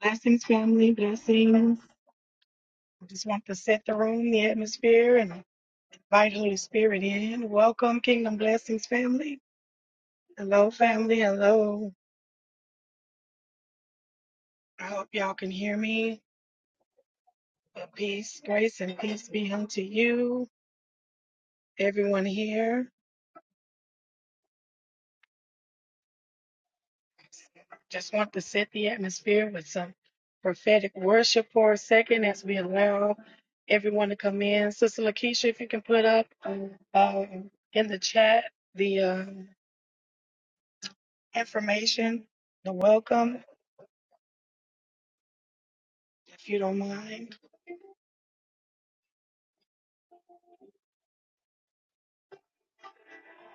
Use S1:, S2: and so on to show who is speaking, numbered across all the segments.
S1: Blessings, family, blessings. I just want to set the room, the atmosphere, and invite Holy Spirit in. Welcome, Kingdom Blessings, family. Hello, family. Hello. I hope y'all can hear me. But peace, grace, and peace be unto you, everyone here. Just want to set the atmosphere with some prophetic worship for a second as we allow everyone to come in. Sister Lakeisha, if you can put up um, in the chat the. um, information, the welcome, if you don't mind.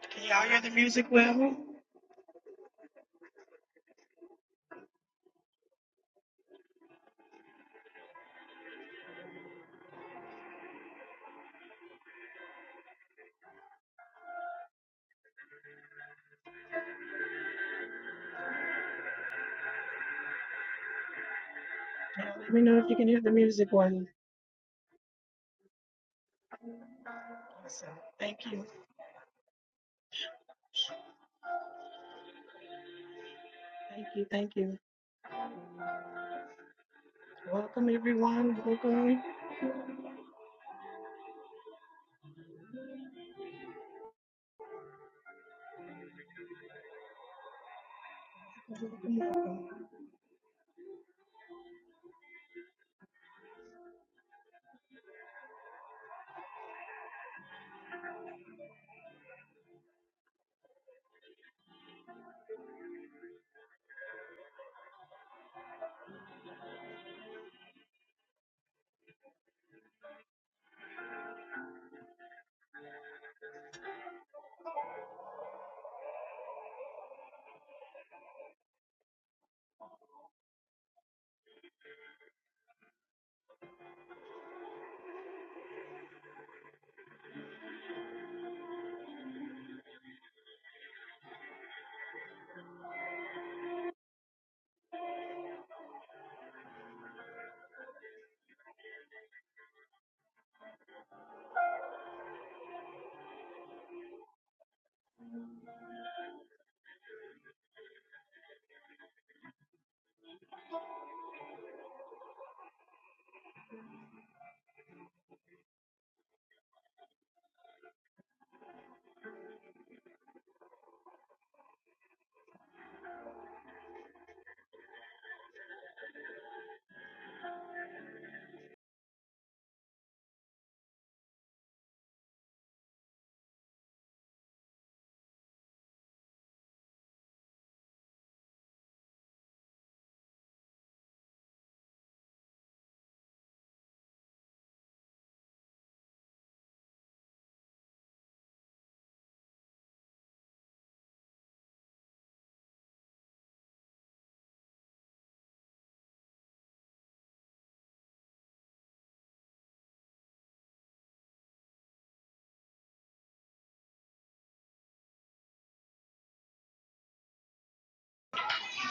S1: Can y'all hear the music well? Yeah, Let me know if you can hear the music well. Awesome. Thank you. Thank you. Thank you. Welcome, everyone. Welcome. Welcome. welcome.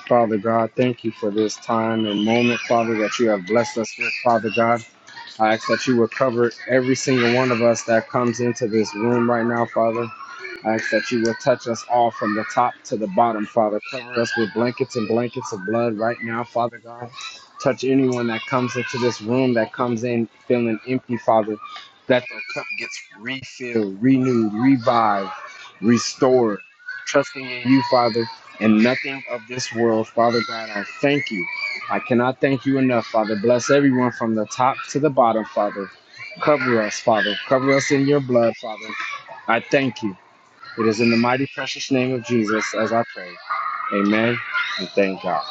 S2: Father God, thank you for this time and moment, Father, that you have blessed us with, Father God. I ask that you would cover every single one of us that comes into this room right now, Father. I ask that you will touch us all from the top to the bottom, Father. Cover us with blankets and blankets of blood right now, Father God. Touch anyone that comes into this room that comes in feeling empty, Father, that their cup gets refilled, renewed, revived, restored. Trusting in you, Father, and nothing of this world, Father God. I thank you. I cannot thank you enough, Father. Bless everyone from the top to the bottom, Father. Cover us, Father. Cover us in your blood, Father. I thank you. It is in the mighty precious name of Jesus as I pray. Amen. And thank God.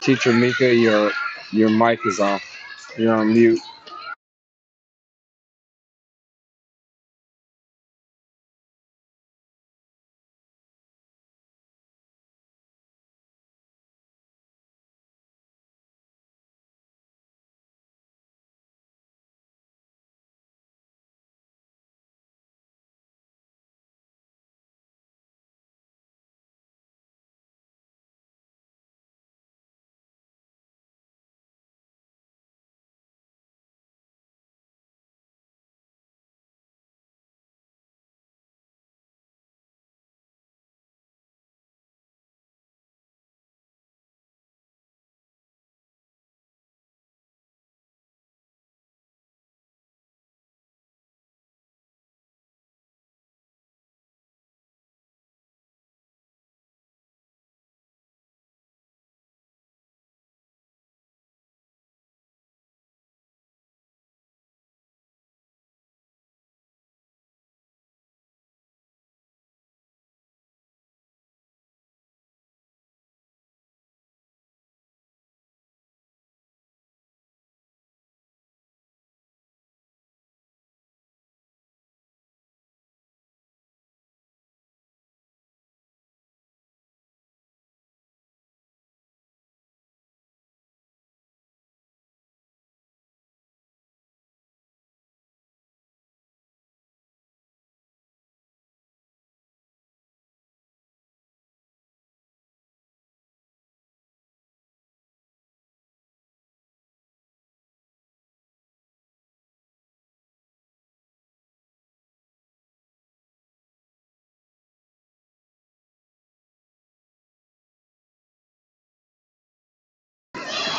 S2: Teacher Mika, your your mic is off. You're on mute.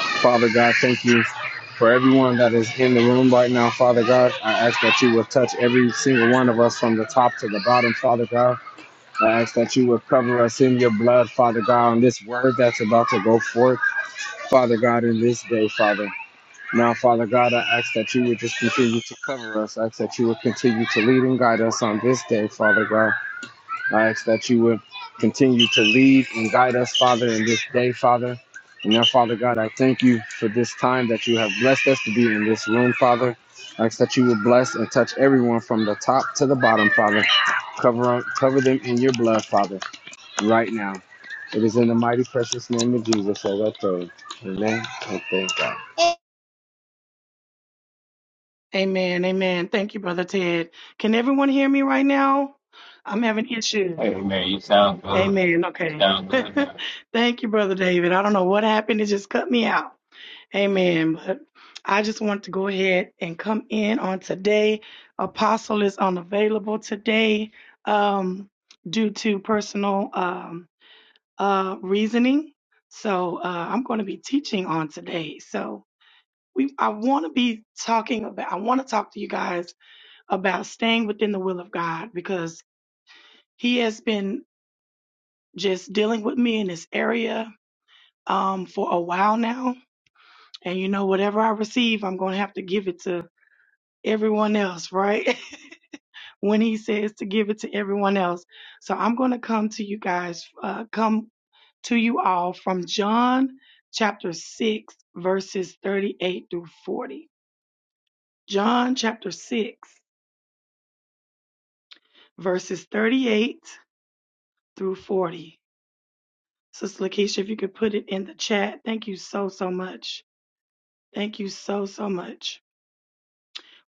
S2: Father God, thank you for everyone that is in the room right now, Father God. I ask that you will touch every single one of us from the top to the bottom, Father God. I ask that you will cover us in your blood, Father God, on this word that's about to go forth, Father God, in this day, Father. Now, Father God, I ask that you would just continue to cover us. I ask that you would continue to lead and guide us on this day, Father God. I ask that you would continue to lead and guide us, Father, in this day, Father. And now, Father God, I thank you for this time that you have blessed us to be in this room, Father. I ask that you would bless and touch everyone from the top to the bottom, Father. Cover, cover them in your blood, Father, right now. It is in the mighty precious name of Jesus that I pray. Amen. And thank God.
S1: Amen. Amen. Thank you, Brother Ted. Can everyone hear me right now? I'm having issues.
S3: Hey man, you sound good. You
S1: Amen. Okay.
S3: sound good now.
S1: Thank you, Brother David. I don't know what happened. It just cut me out. Amen. But I just want to go ahead and come in on today. Apostle is unavailable today um, due to personal um, uh, reasoning. So uh, I'm going to be teaching on today. So we, I want to be talking about. I want to talk to you guys about staying within the will of God because He has been just dealing with me in this area um, for a while now. And you know, whatever I receive, I'm going to have to give it to everyone else, right? when he says to give it to everyone else. So I'm going to come to you guys, uh, come to you all from John chapter 6, verses 38 through 40. John chapter 6, verses 38 through 40. Sister Lakeisha, if you could put it in the chat, thank you so, so much. Thank you so, so much.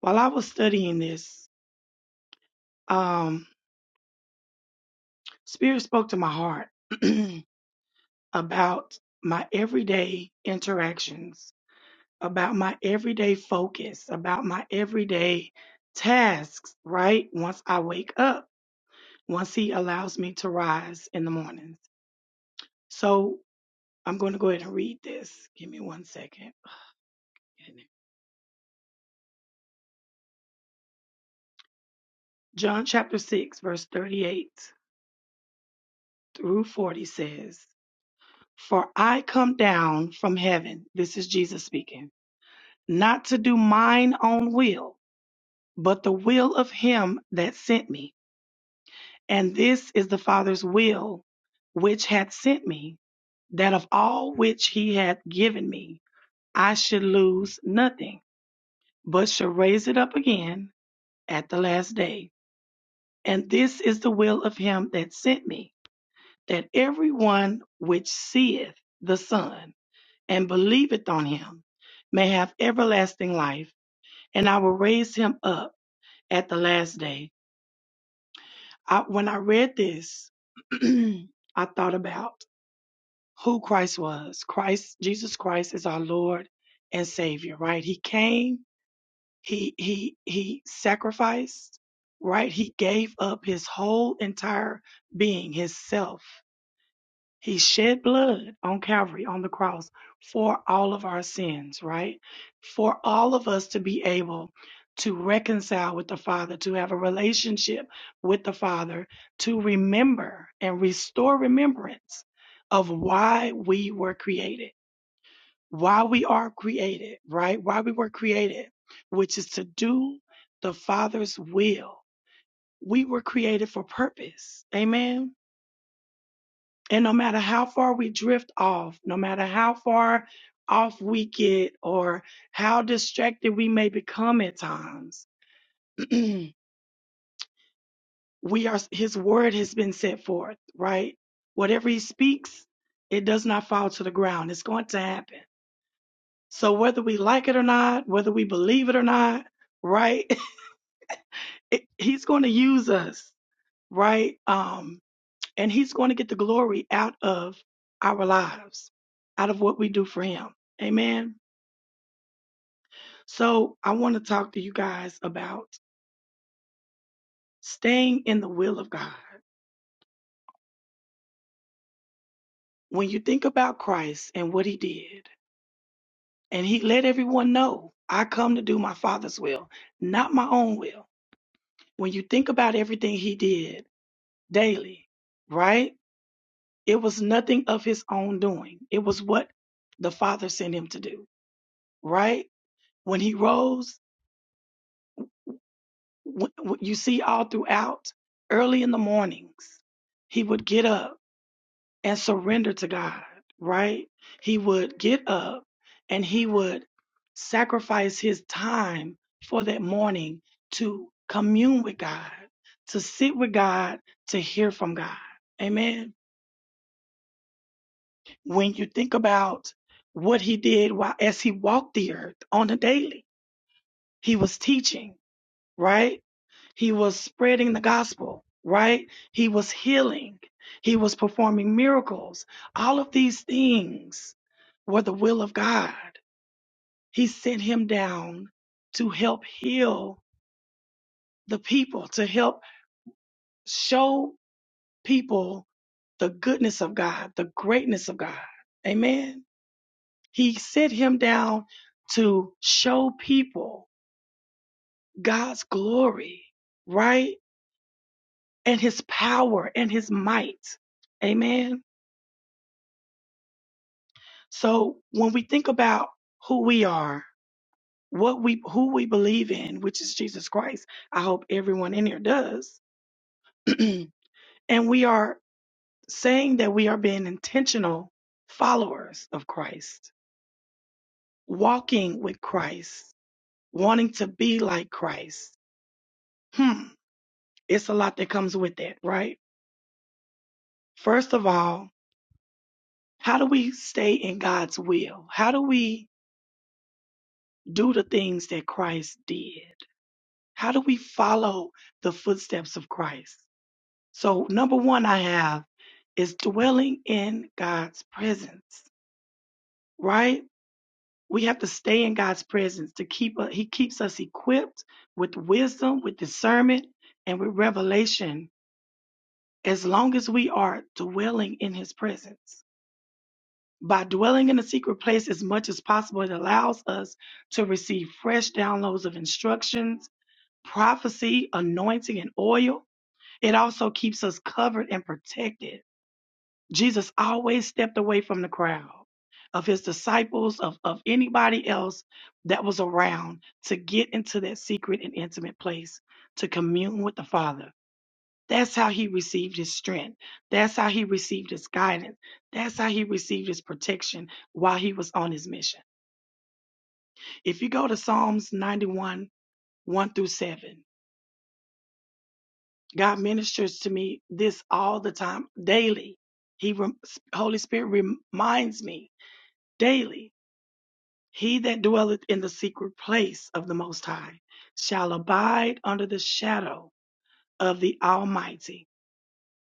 S1: While I was studying this, um, Spirit spoke to my heart. about my everyday interactions, about my everyday focus, about my everyday tasks, right? Once I wake up, once He allows me to rise in the mornings. So I'm going to go ahead and read this. Give me one second. John chapter 6, verse 38 through 40 says, For I come down from heaven, this is Jesus speaking, not to do mine own will, but the will of him that sent me. And this is the Father's will, which hath sent me, that of all which he hath given me, I should lose nothing, but should raise it up again at the last day. And this is the will of him that sent me, that every one which seeth the Son and believeth on him may have everlasting life, and I will raise him up at the last day. I, when I read this, I thought about who Christ was. Christ, Jesus Christ is our Lord and Savior, right? He came, he he he sacrificed, right? He gave up his whole entire being, his self, he shed blood on Calvary on the cross for all of our sins, right? For all of us to be able to reconcile with the Father, to have a relationship with the Father, to remember and restore remembrance of why we were created, why we are created, right? Why we were created, which is to do the Father's will. We were created for purpose. Amen. And no matter how far we drift off, no matter how far off we get or how distracted we may become at times, we are his word has been set forth, right? Whatever he speaks, it does not fall to the ground. It's going to happen. So whether we like it or not, whether we believe it or not, right? it, he's going to use us, right? Um and he's going to get the glory out of our lives, out of what we do for him. Amen. So I want to talk to you guys about staying in the will of God. When you think about Christ and what he did, and he let everyone know, I come to do my Father's will, not my own will. When you think about everything he did daily, right? It was nothing of his own doing. It was what the Father sent him to do, right? When he rose, wh- wh- you see all throughout early in the mornings, he would get up and surrender to God, right? He would get up and he would sacrifice his time for that morning to commune with God, to sit with God, to hear from God. Amen. When you think about what he did while as he walked the earth on the daily, he was teaching right? He was spreading the gospel, right? He was healing. He was performing miracles. All of these things were the will of God. He sent him down to help heal the people, to help show people the goodness of God, the greatness of God. Amen. He sent him down to show people God's glory, right? and his power and his might. Amen. So when we think about who we are, what we who we believe in, which is Jesus Christ, I hope everyone in here does. and we are saying that we are being intentional followers of Christ, walking with Christ, wanting to be like Christ. Hmm, it's a lot that comes with that, right? First of all, how do we stay in God's will? How do we do the things that Christ did? How do we follow the footsteps of Christ? So, number one, I have is dwelling in God's presence, right? We have to stay in God's presence to keep, uh, He keeps us equipped with wisdom, with discernment, and with revelation as long as we are dwelling in His presence. By dwelling in a secret place as much as possible, it allows us to receive fresh downloads of instructions prophecy, anointing, and oil. It also keeps us covered and protected. Jesus always stepped away from the crowd of his disciples, of, of anybody else that was around to get into that secret and intimate place to commune with the Father. That's how he received his strength. That's how he received his guidance. That's how he received his protection while he was on his mission. If you go to Psalms 91, 1 through 7, God ministers to me this all the time, daily. He, rem- Holy Spirit reminds me daily. He that dwelleth in the secret place of the Most High shall abide under the shadow of the Almighty.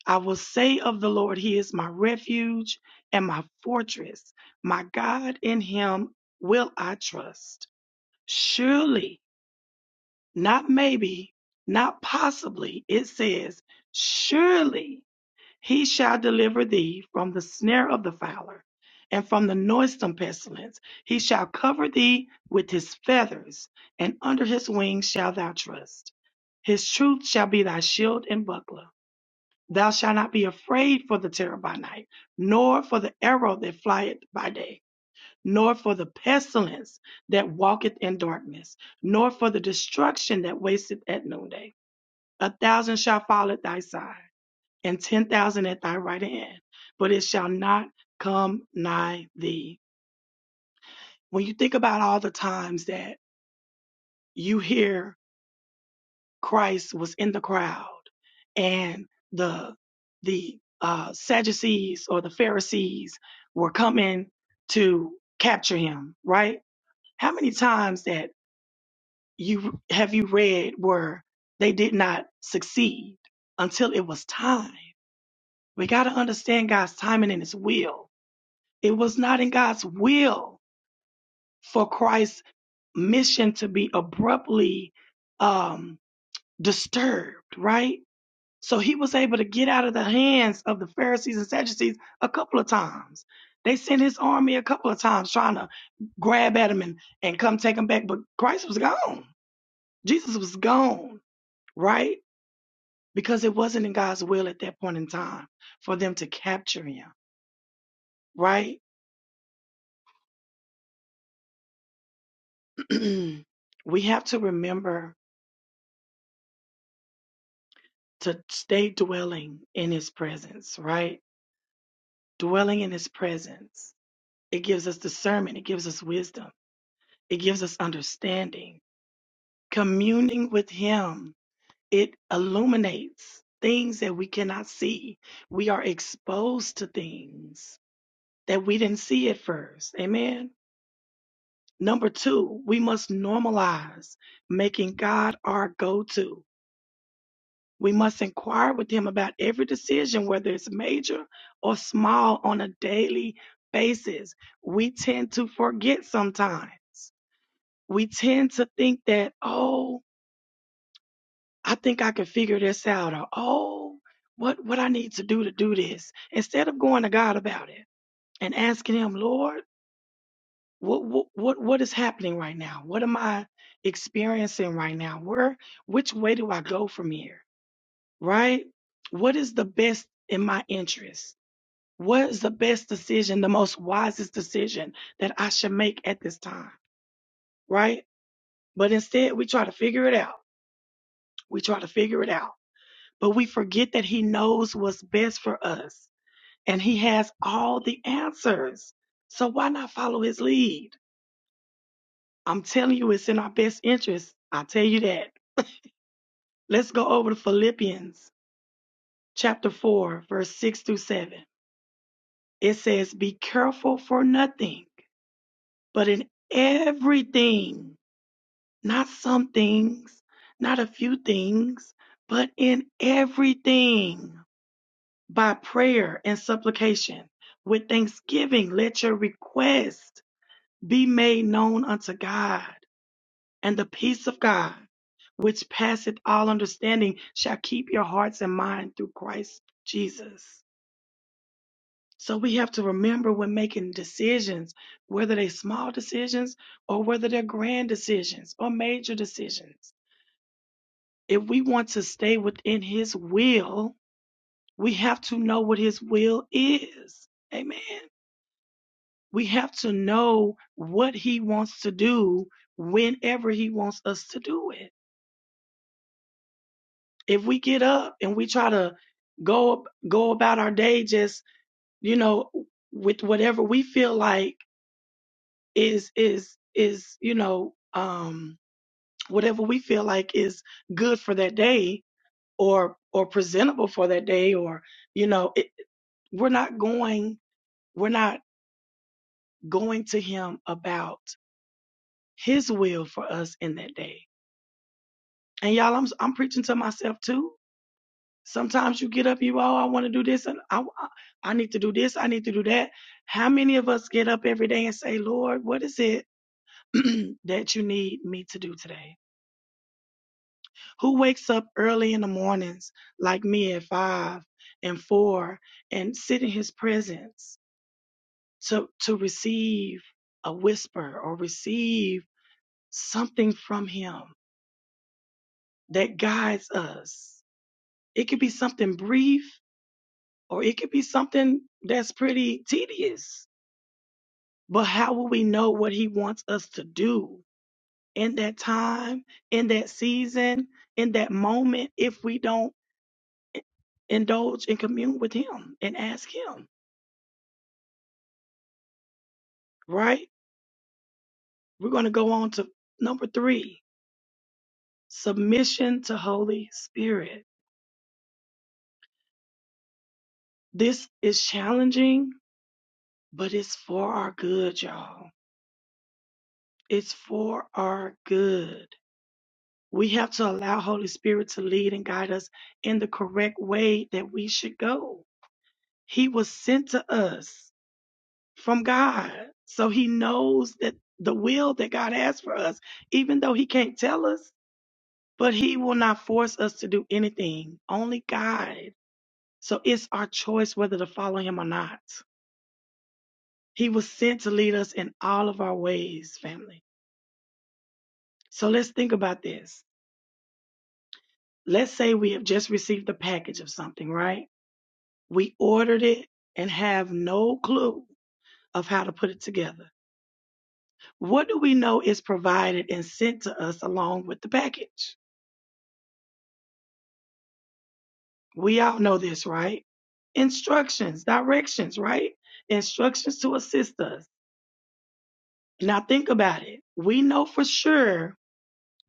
S1: I will say of the Lord, He is my refuge and my fortress. My God, in Him will I trust. Surely, not maybe, not possibly, it says, surely He shall deliver thee from the snare of the fowler and from the noisome pestilence. He shall cover thee with his feathers, and under his wings shalt thou trust. His truth shall be thy shield and buckler. Thou shalt not be afraid for the terror by night, nor for the arrow that flieth by day, nor for the pestilence that walketh in darkness, nor for the destruction that wasteth at noonday. A thousand shall fall at thy side and ten thousand at thy right hand, but it shall not come nigh thee. When you think about all the times that you hear Christ was in the crowd and the the uh, Sadducees or the Pharisees were coming to capture him, right? How many times that you have you read where they did not succeed until it was time? We got to understand God's timing and His will It was not in God's will for Christ's mission to be abruptly um, disturbed, right? So he was able to get out of the hands of the Pharisees and Sadducees a couple of times. They sent his army a couple of times trying to grab at him and, and come take him back, but Christ was gone. Jesus was gone, right? Because it wasn't in God's will at that point in time for them to capture him, right? we have to remember to stay dwelling in his presence, right? Dwelling in his presence. It gives us discernment, it gives us wisdom, it gives us understanding. Communing with him, it illuminates things that we cannot see. We are exposed to things that we didn't see at first. Amen. Number two, we must normalize making God our go to We must inquire with him about every decision, whether it's major or small, on a daily basis. We tend to forget sometimes. We tend to think that, oh, I think I can figure this out, or oh, what what I need to do to do this, instead of going to God about it and asking Him, Lord, what what what, what is happening right now? What am I experiencing right now? Where which way do I go from here? right? What is the best in my interest? What is the best decision, the most wisest decision that I should make at this time, right? But instead, we try to figure it out. We try to figure it out, but we forget that He knows what's best for us and He has all the answers. So why not follow His lead? I'm telling you, it's in our best interest. I tell you that. Let's go over to Philippians chapter 4, verse 6 through 7. It says, Be careful for nothing, but in everything, not some things, not a few things, but in everything, by prayer and supplication, with thanksgiving, let your requests be made known unto God. And the peace of God, which passeth all understanding, shall keep your hearts and mind through Christ Jesus. So we have to remember when making decisions, whether they're small decisions or whether they're grand decisions or major decisions. If we want to stay within His will, we have to know what His will is. Amen. We have to know what He wants to do whenever He wants us to do it. If we get up and we try to go go about our day just, you know, with whatever we feel like is is is you know um whatever we feel like is good for that day or or presentable for that day or you know it, we're not going we're not going to him about his will for us in that day and y'all i'm i'm preaching to myself too sometimes you get up you oh i want to do this and I, I i need to do this i need to do that how many of us get up every day and say lord what is it that you need me to do today Who wakes up early in the mornings like me at five and four and sit in his presence to, to receive a whisper or receive something from him that guides us? It could be something brief or it could be something that's pretty tedious. But how will we know what he wants us to do in that time, in that season, in that moment if we don't? indulge and commune with him and ask him, right? We're going to go on to number three submission to Holy Spirit. This is challenging, but it's for our good, y'all. It's for our good. We have to allow Holy Spirit to lead and guide us in the correct way that we should go. He was sent to us from God. So he knows that the will that God has for us, even though he can't tell us, But He will not force us to do anything, only guide. So it's our choice whether to follow Him or not. He was sent to lead us in all of our ways, family. So let's think about this. Let's say we have just received a package of something, right? We ordered it and have no clue of how to put it together. What do we know is provided and sent to us along with the package? We all know this, right? Instructions, directions, right? Instructions to assist us Now think about it. We know for sure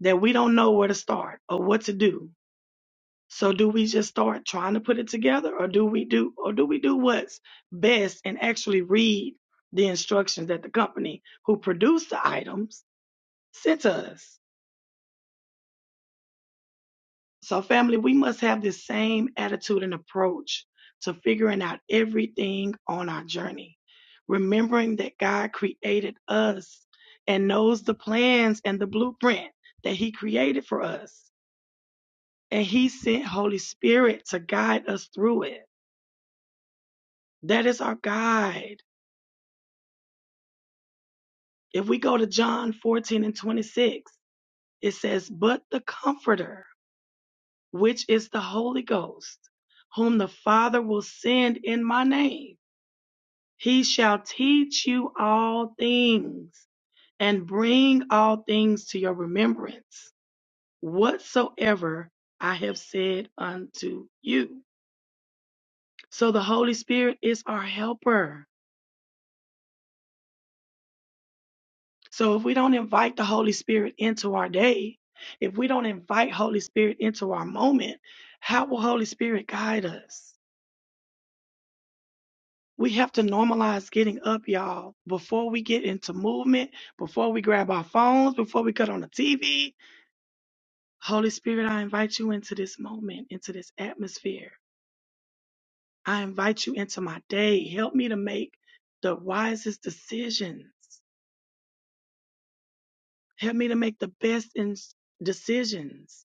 S1: that we don't know where to start or what to do. So do we just start trying to put it together or do we do or do we do what's best and actually read the instructions that the company who produced the items sent to us? So, family, we must have this same attitude and approach to figuring out everything on our journey, remembering that God created us and knows the plans and the blueprint that He created for us. And He sent Holy Spirit to guide us through it. That is our guide. If we go to John 14 and 26, it says, But the Comforter, which is the Holy Ghost, whom the Father will send in my name He shall teach you all things and bring all things to your remembrance, whatsoever I have said unto you. So the Holy Spirit is our helper. So if we don't invite the Holy Spirit into our day, if we don't invite Holy Spirit into our moment, how will Holy Spirit guide us? We have to normalize getting up, y'all, before we get into movement, before we grab our phones, before we cut on the TV, Holy Spirit, I invite you into this moment, into this atmosphere. I invite you into my day. Help me to make the wisest decisions. Help me to make the best in decisions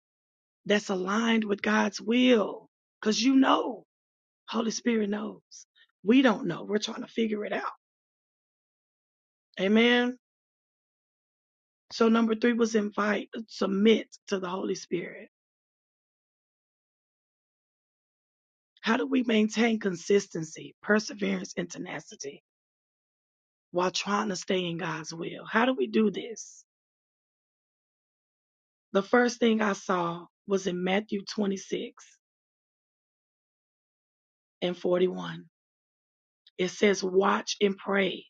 S1: that's aligned with God's will. Because you know, Holy Spirit knows. We don't know. We're trying to figure it out. Amen. So, number three was invite, submit to the Holy Spirit. How do we maintain consistency, perseverance, and tenacity? while trying to stay in God's will. How do we do this? The first thing I saw was in Matthew 26 and 41. It says, Watch and pray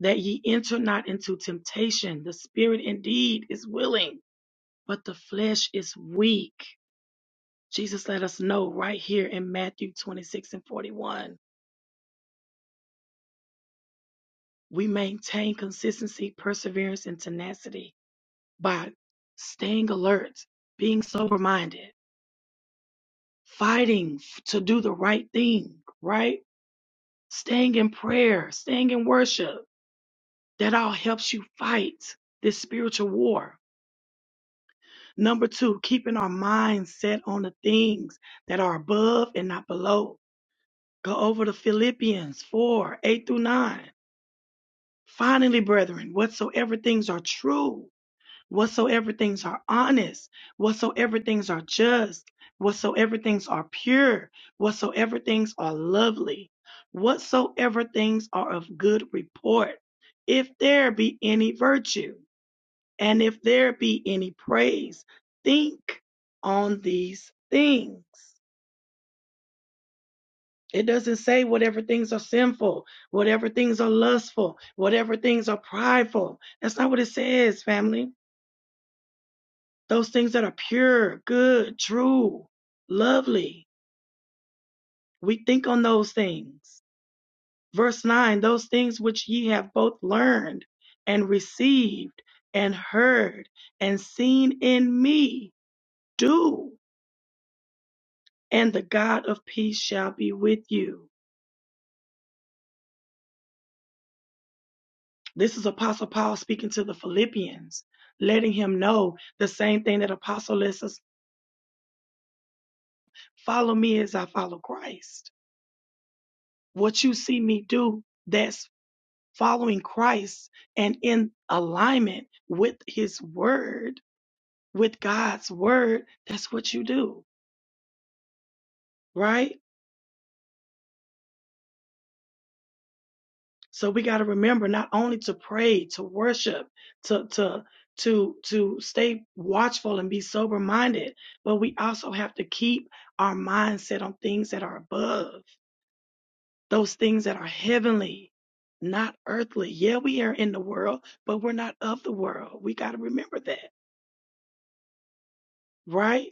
S1: that ye enter not into temptation. The spirit indeed is willing, but the flesh is weak. Jesus let us know right here in Matthew 26 and 41. We maintain consistency, perseverance, and tenacity by staying alert, being sober minded fighting f- to do the right thing, right? Staying in prayer, staying in worship. That all helps you fight this spiritual war. Number two, keeping our minds set on the things that are above and not below. Go over to Philippians 4 8 through 9. Finally, brethren, whatsoever things are true whatsoever things are honest, whatsoever things are just, whatsoever things are pure, whatsoever things are lovely, whatsoever things are of good report, if there be any virtue, and if there be any praise, think on these things. It doesn't say whatever things are sinful, whatever things are lustful, whatever things are prideful. That's not what it says, family. those things that are pure, good, true, lovely. We think on those things. Verse 9, those things which ye have both learned and received and heard and seen in me, do, and the God of peace shall be with you. This is Apostle Paul speaking to the Philippians, letting him know the same thing that Apostle lets us follow me as I follow Christ. What you see me do, that's. following Christ and in alignment with his word, with God's word, that's what you do, right? So we got to remember not only to pray, to worship, to to to to stay watchful and be sober minded, but we also have to keep our mindset on things that are above, those things that are heavenly, not earthly. Yeah, we are in the world, but we're not of the world. We got to remember that, right?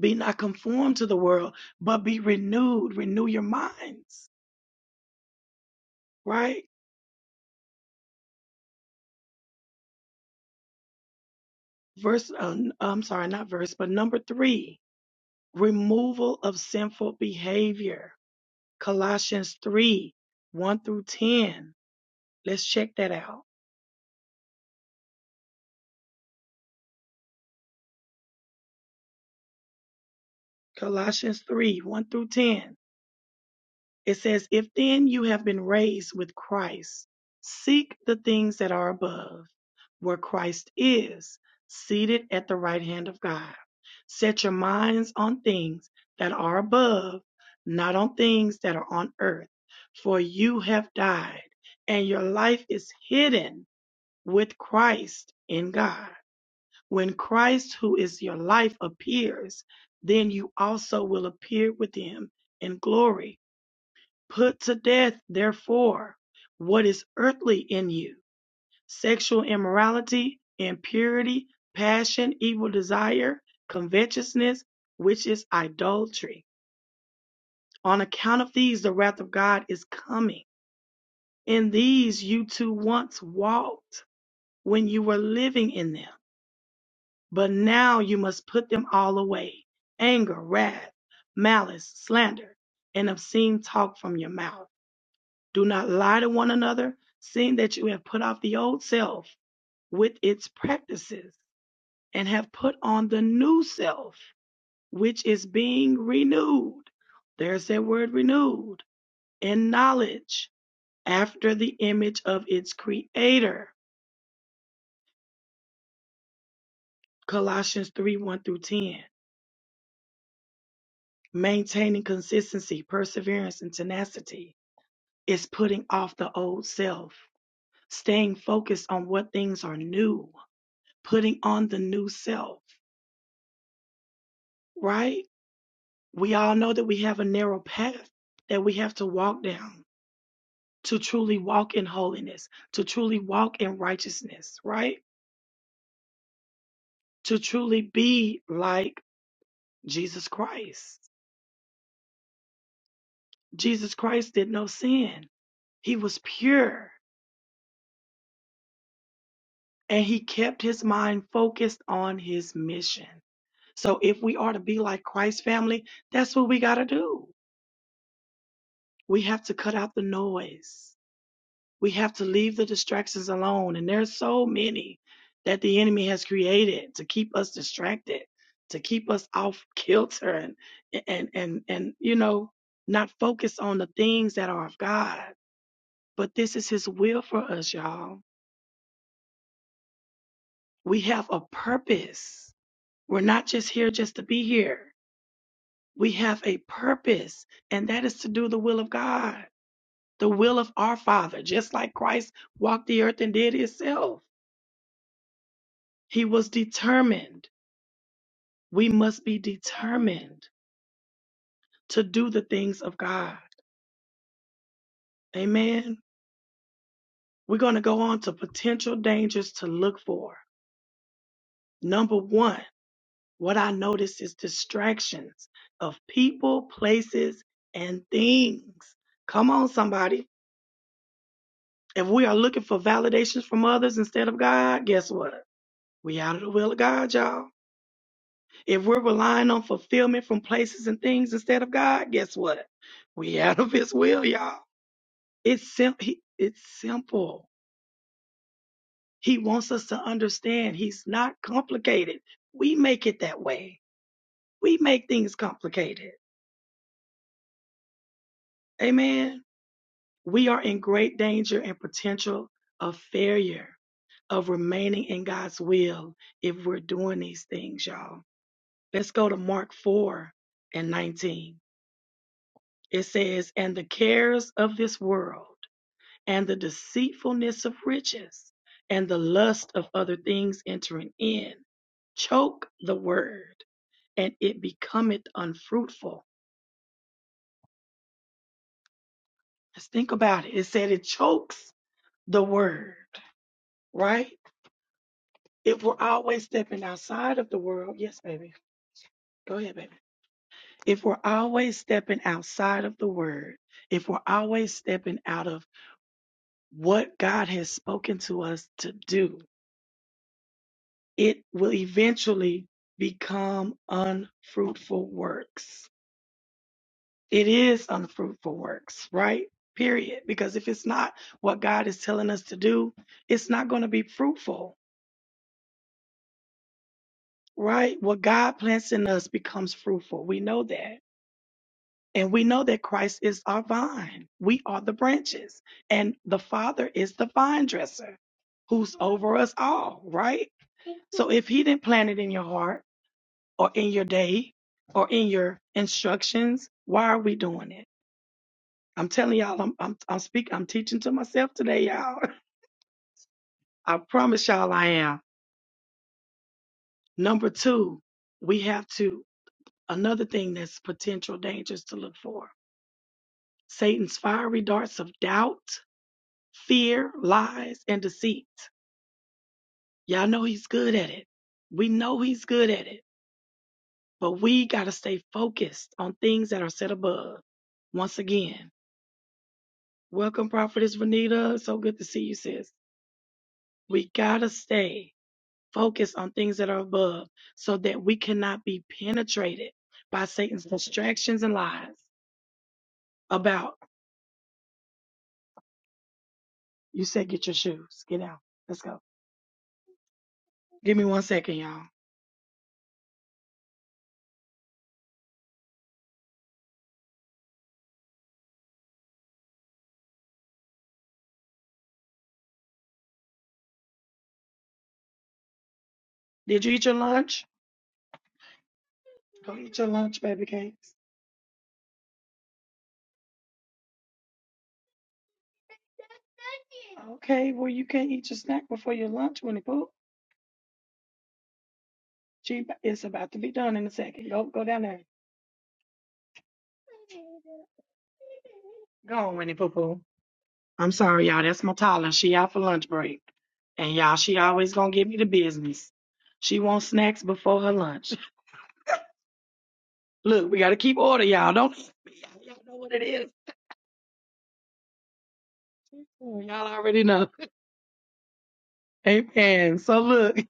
S1: Be not conformed to the world, but be renewed. Renew your minds, right? Verse, uh, I'm sorry, not verse, but number three, removal of sinful behavior. Colossians 3, 1 through 10. Let's check that out. Colossians 3, 1 through 10. It says, If then you have been raised with Christ, seek the things that are above, where Christ is, seated at the right hand of God. Set your minds on things that are above, not on things that are on earth. For you have died, and your life is hidden with Christ in God. When Christ, who is your life, appears, then you also will appear with him in glory. Put to death, therefore, what is earthly in you sexual immorality, impurity, passion, evil desire, covetousness, which is idolatry. On account of these, the wrath of God is coming. In these you too once walked when you were living in them, but now you must put them all away anger, wrath, malice, slander, and obscene talk from your mouth Do not lie to one another, seeing that you have put off the old self with its practices and have put on the new self, which is being renewed. There's that word renewed in knowledge after the image of its creator. Colossians 3 1 through 10. Maintaining consistency, perseverance, and tenacity is putting off the old self, staying focused on what things are new, putting on the new self. right? We all know that we have a narrow path that we have to walk down to truly walk in holiness, to truly walk in righteousness, right? To truly be like Jesus Christ. Jesus Christ did no sin, he was pure and he kept his mind focused on his mission. So, if we are to be like Christ family, that's what we got to do. We have to cut out the noise. We have to leave the distractions alone. And there's so many that the enemy has created to keep us distracted, to keep us off kilter and and and and you know, not focus on the things that are of God. But this is his will for us, y'all. We have a purpose. We're not just here just to be here. We have a purpose, and that is to do the will of God, the will of our Father, just like Christ walked the earth and did himself. He was determined. we must be determined to do the things of God. Amen. We're going to go on to potential dangers to look for. Number one, what I noticed is distractions of people, places, and things. Come on, somebody. If we are looking for validations from others instead of God, guess what? We out of the will of God, y'all. If we're relying on fulfillment from places and things instead of God, guess what? We out of his will, y'all. It's sim- he, it's simple. He wants us to understand he's not complicated. We make it that way. We make things complicated. Amen. We are in great danger and potential of failure, of remaining in God's will if we're doing these things, y'all. Let's go to Mark 4 and 19. It says, And the cares of this world and the deceitfulness of riches and the lust of other things entering in choke the word and it becometh unfruitful. Let's think about it. It said it chokes the word, right? If we're always stepping outside of the world, yes, baby. Go ahead, baby. If we're always stepping outside of the word, if we're always stepping out of what God has spoken to us to do, It will eventually become unfruitful works. It is unfruitful works, right? Period. Because if it's not what God is telling us to do, it's not going to be fruitful, right? What God plants in us becomes fruitful. We know that. And we know that Christ is our vine. We are the branches. And the Father is the vine dresser who's over us all, right? So if He didn't plant it in your heart, or in your day or in your instructions. Why are we doing it? I'm telling y'all, I'm I'm I'm speaking, I'm teaching to myself today, y'all. I promise y'all I am. Number two, we have to another thing that's potential dangers to look for. Satan's fiery darts of doubt, fear, lies, and deceit. Y'all know he's good at it. We know he's good at it, but we gotta stay focused on things that are set above. Once again, Welcome, Prophetess Renita. So good to see you, sis. We gotta stay focused on things that are above so that we cannot be penetrated by Satan's distractions and lies about you said get your shoes. Get out. Let's go. Give me one second, y'all. Did you eat your lunch? Go eat your lunch, baby cakes. Okay, well you can't eat your snack before your lunch, Winnie Pooh. She it's about to be done in a second. Go go down there. Go on, Winnie Pooh Pooh. I'm sorry, y'all. That's my Tyler. She out for lunch break. And y'all, she always gonna give me the business. She wants snacks before her lunch. Look, we gotta keep order, y'all. Don't y'all know what it is. Y'all already know. Amen. So look.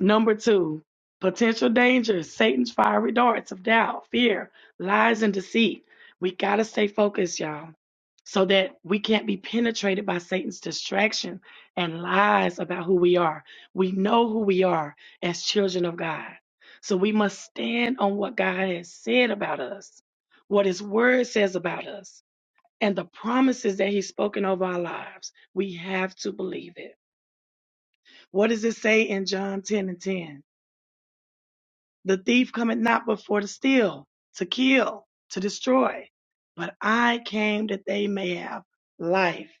S1: Number two, potential dangers, Satan's fiery darts of doubt, fear, lies, and deceit. We got to stay focused, y'all, so that we can't be penetrated by Satan's distraction and lies about who we are. We know who we are as children of God. So we must stand on what God has said about us, what his word says about us, and the promises that he's spoken over our lives. We have to believe it. What does it say in John 10 and 10? The thief cometh not before to steal, to kill, to destroy. But I came that they may have life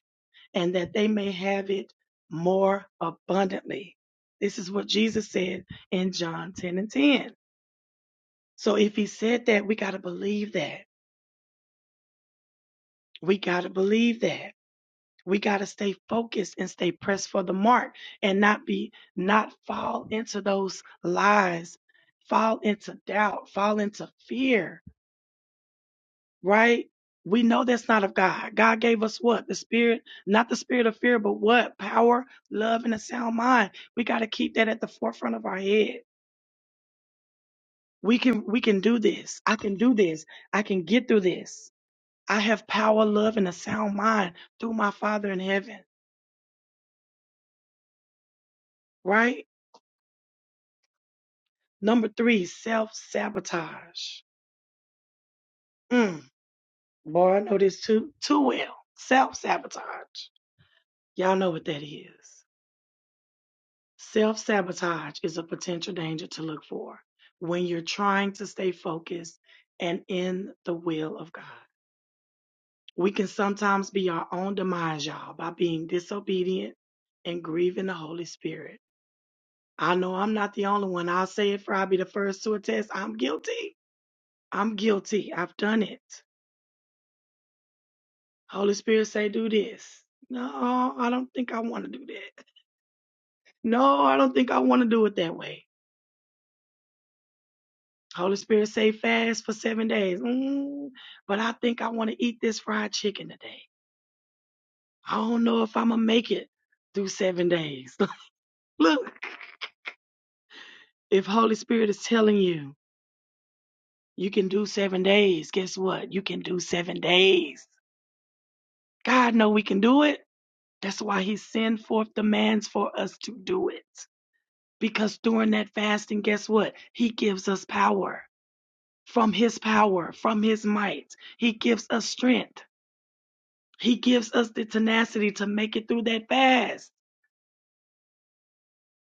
S1: and that they may have it more abundantly. This is what Jesus said in John 10 and 10. So if he said that, we got to believe that. We got to believe that. We got to stay focused and stay pressed for the mark and not be, not fall into those lies, fall into doubt, fall into fear right? We know that's not of God. God gave us what? The spirit, not the spirit of fear, but what? Power, love, and a sound mind. We got to keep that at the forefront of our head. We can, we can do this. I can do this. I can get through this. I have power, love, and a sound mind through my Father in heaven, right? Number three, self sabotage. Mm, boy, I know this too, too well. Self sabotage. Y'all know what that is. Self sabotage is a potential danger to look for when you're trying to stay focused and in the will of God. We can sometimes be our own demise, y'all, by being disobedient and grieving the Holy Spirit. I know I'm not the only one. I'll say it for I'll be the first to attest. I'm guilty. I'm guilty. I've done it. Holy Spirit say, do this. No, I don't think I want to do that. No, I don't think I want to do it that way. Holy Spirit say fast for seven days. Mm, but I think I want to eat this fried chicken today. I don't know if I'm gonna make it through seven days. Look, if Holy Spirit is telling you you can do seven days, guess what? You can do seven days. God know we can do it. That's why He send forth demands for us to do it. Because during that fasting, guess what? He gives us power from His power, from His might. He gives us strength. He gives us the tenacity to make it through that fast.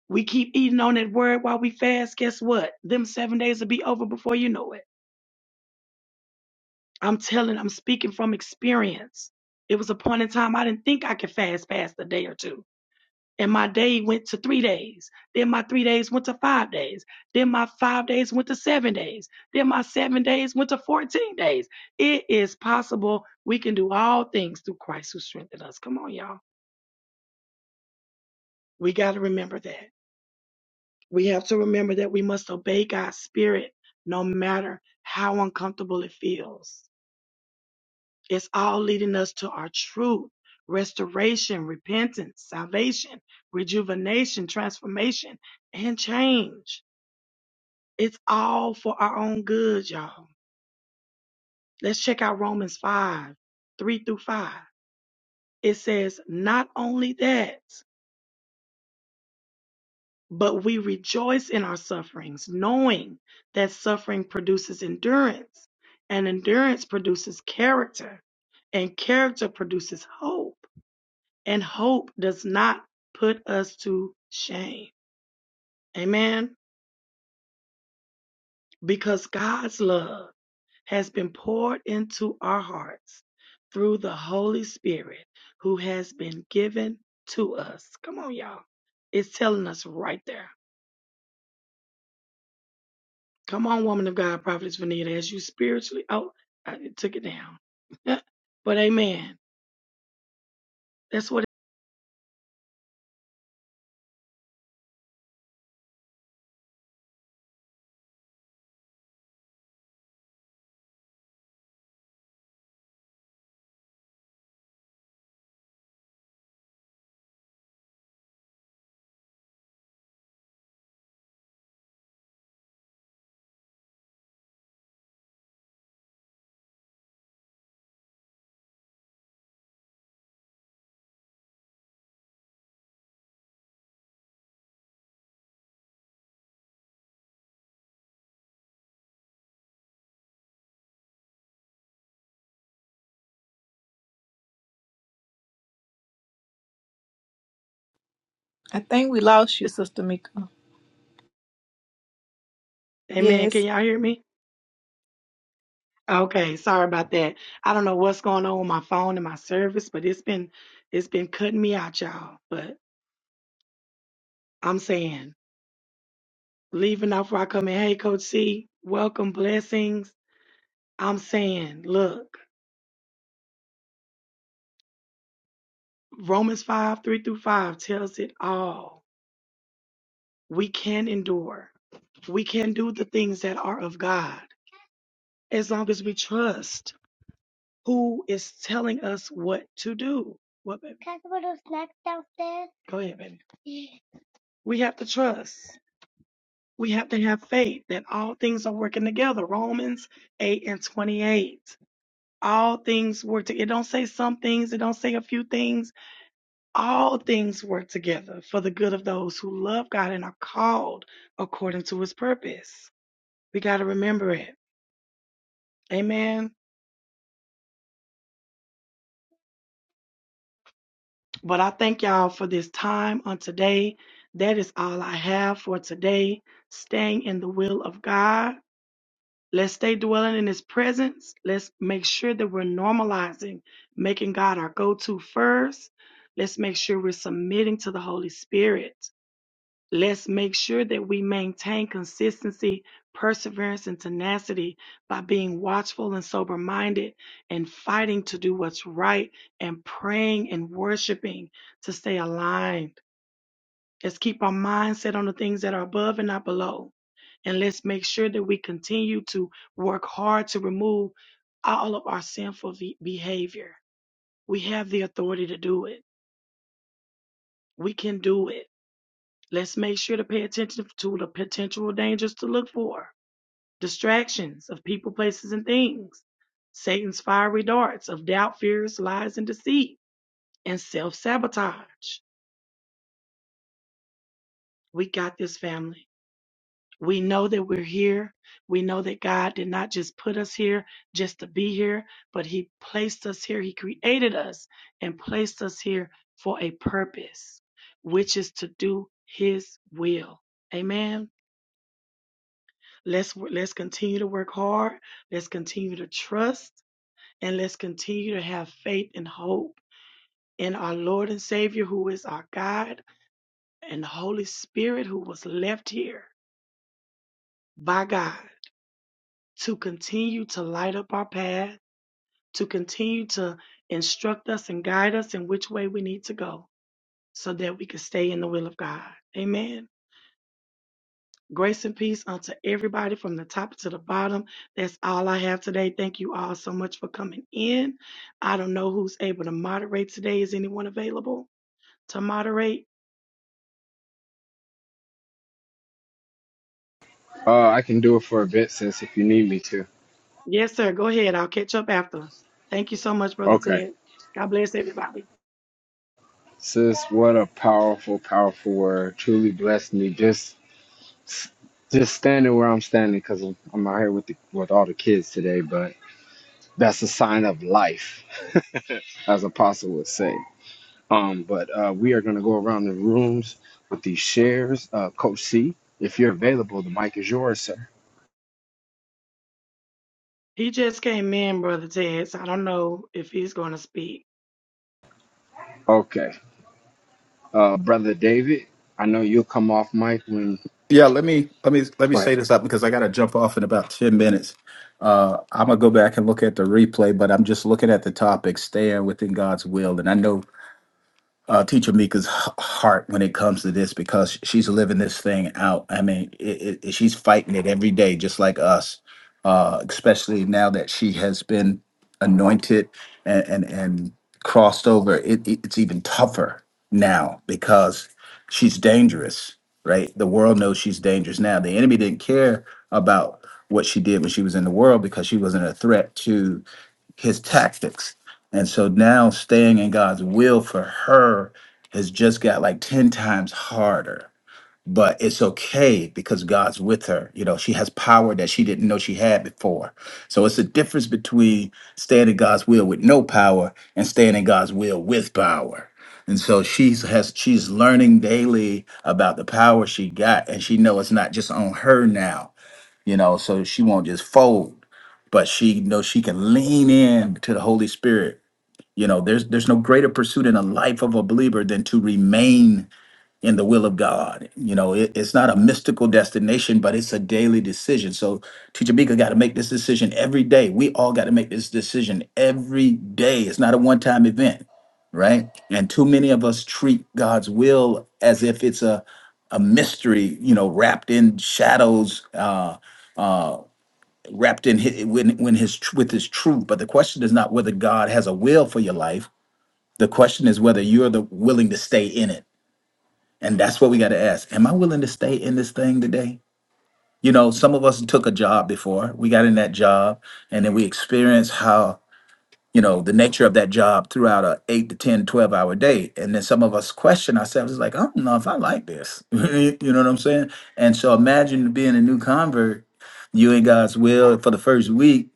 S1: We keep eating on that word while we fast. Guess what? Them seven days will be over before you know it. I'm telling, I'm speaking from experience. It was a point in time I didn't think I could fast past a day or two. And my day went to three days. Then my three days went to five days. Then my five days went to seven days. Then my seven days went to 14 days. It is possible we can do all things through Christ who strengthened us. Come on, y'all. We got to remember that. We have to remember that we must obey God's spirit no matter how uncomfortable it feels. It's all leading us to our truth, restoration, repentance, salvation, rejuvenation, transformation, and change. It's all for our own good, y'all. Let's check out Romans 5 3 through 5. It says, Not only that, But we rejoice in our sufferings, knowing that suffering produces endurance, and endurance produces character, and character produces hope, and hope does not put us to shame. Amen. Because God's love has been poured into our hearts through the Holy Spirit who has been given to us. Come on, y'all. It's telling us right there Come on, woman of God, prophetess Vanita, as you spiritually. Oh, I took it down. but amen. That's what.
S4: I think we lost you, Sister Mika.
S1: Amen. Can
S4: Yes.
S1: y'all hear me? Okay. Sorry about that. I don't know what's going on with my phone and my service, but it's been it's been cutting me out, y'all. But I'm saying, leaving off where I come in. Hey, Coach C, welcome, blessings. I'm saying, look, Romans five three through five tells it all. We can endure. We can do the things that are of God as long as we trust who is telling us what to do. What, baby? Can I put those snacks downstairs? Go ahead, baby. We have to trust. We have to have faith that all things are working together. Romans 8 and 28. All things work together. It don't say some things. It don't say a few things. All things work together for the good of those who love God and are called according to his purpose. We got to remember it. Amen. But I thank y'all for this time on today. That is all I have for today. Staying in the will of God. Let's stay dwelling in His presence. Let's make sure that we're normalizing, making God our go to first. Let's make sure we're submitting to the Holy Spirit. Let's make sure that we maintain consistency, perseverance, and tenacity by being watchful and sober minded and fighting to do what's right and praying and worshiping to stay aligned. Let's keep our mind set on the things that are above and not below. And let's make sure that we continue to work hard to remove all of our sinful ve- behavior. We have the authority to do it. We can do it. Let's make sure to pay attention to the potential dangers to look for distractions of people, places, and things, Satan's fiery darts of doubt, fears, lies, and deceit, and self sabotage. We got this family. We know that we're here. We know that God did not just put us here just to be here, but He placed us here. He created us and placed us here for a purpose, which is to do His will. Amen. Let's let's continue to work hard. Let's continue to trust. and let's continue to have faith and hope in our Lord and Savior, who is our God, and the Holy Spirit, who was left here by God to continue to light up our path, to continue to instruct us and guide us in which way we need to go so that we can stay in the will of God. Amen. Grace and peace unto everybody from the top to the bottom. That's all I have today. Thank you all so much for coming in. I don't know who's able to moderate today. Is anyone available to moderate?
S2: Uh, I can do it for a bit, sis, if you need me to.
S1: Yes, sir. Go ahead. I'll catch up after. Thank you so much, Brother
S2: Okay.
S1: Ted. God bless everybody.
S2: Sis, what a powerful, powerful word. Truly blessed me. Just, just standing where I'm standing because I'm, I'm out here with the, with all the kids today. But that's a sign of life, as Apostle would say. Um, but uh, we are gonna go around the rooms with these shares. Uh, Coach C, if you're available, the mic is yours, sir.
S1: He just came in, Brother Ted, so I don't know if he's going to speak.
S2: Okay. Uh, brother David, I know you'll come off mic when.
S5: Yeah, let me let me let me
S2: Go ahead.
S5: say this up because I got to jump off in about ten minutes. Uh, I'm gonna go back and look at the replay, but I'm just looking at the topic: staying within God's will, and I know uh, Teacher Mika's h- heart when it comes to this because she's living this thing out. I mean, it, it, she's fighting it every day, just like us. Uh, especially now that she has been anointed and and, and crossed over, it, it- it's even tougher now because she's dangerous, right? The world knows she's dangerous now. The enemy didn't care about what she did when she was in the world because she wasn't a threat his tactics. And so now staying in God's will for her has just got like 10 times harder. But it's okay because God's with her. You know, she has power that she didn't know she had before. So it's a difference between staying in God's will with no power and staying in God's will with power. And so she's has she's learning daily about the power she got, and she know it's not just on her now you know, so she won't just fold, but she knows she can lean in to the Holy Spirit. You know, there's there's no greater pursuit in the life of a believer than to remain in the will of God. You know, it- it's not a mystical destination, but it's a daily decision. So Teacher Mika got to make this decision every day. We all got to make this decision every day. It's not a one-time event, right? And too many of us treat God's will as if it's a a mystery, you know, wrapped in shadows, uh, uh, wrapped in his, when when his tr- with his truth. But the question is not whether God has a will for your life. The question is whether you're the willing to stay in it and that's what we got to ask. Am I willing to stay in this thing today? You know, some of us took a job before. We got in that job and then we experienced how, you know, the nature of that job throughout a 8 to 10, 12 hour day. And then some of us question ourselves, it's like, I don't know if I like this. you know what I'm saying? And so imagine being a new convert, you in God's will for the first week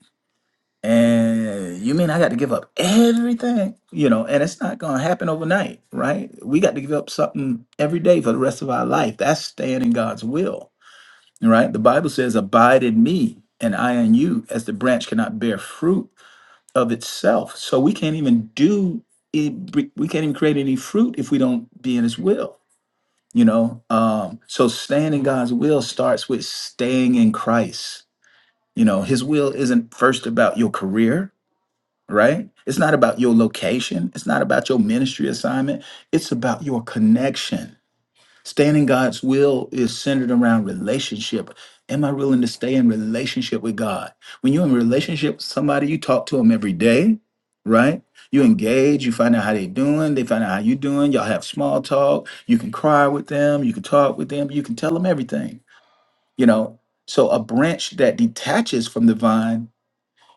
S5: and you mean I got to give up everything? You know, and it's not going to happen overnight, right? We got to give up something every day for the rest of our life. That's staying in God's will, right? The Bible says, Abide in me and I in you, as the branch cannot bear fruit of itself. So we can't even do it, we can't even create any fruit if we don't be in His will, you know? Um, so staying in God's will starts with staying in Christ. You know, His will isn't first about your career right? It's not about your location, it's not about your ministry assignment, it's about your connection. Staying in God's will is centered around relationship. Am I willing to stay in relationship with God? When you're in relationship with somebody, you talk to them every day, right? You engage, you find out how they're doing, they find out how you're doing, y'all have small talk, you can cry with them, you can talk with them, you can tell them everything, you know. So a branch that detaches from the vine,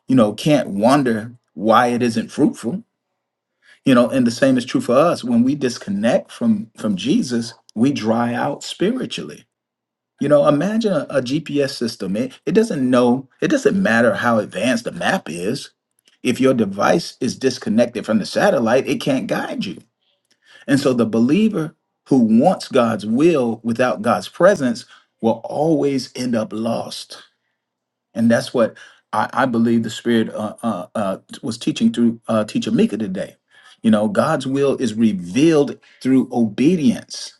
S5: you know, can't wonder why it isn't fruitful you know and the same is true for us when we disconnect from from jesus we dry out spiritually you know imagine a, gps system it, it doesn't know it doesn't matter how advanced the map is if your device is disconnected from the satellite it can't guide you and so the believer who wants god's will without god's presence will always end up lost and that's what I, I believe the Spirit uh, uh, uh, was teaching through uh, Teacher Mika today. You know, God's will is revealed through obedience.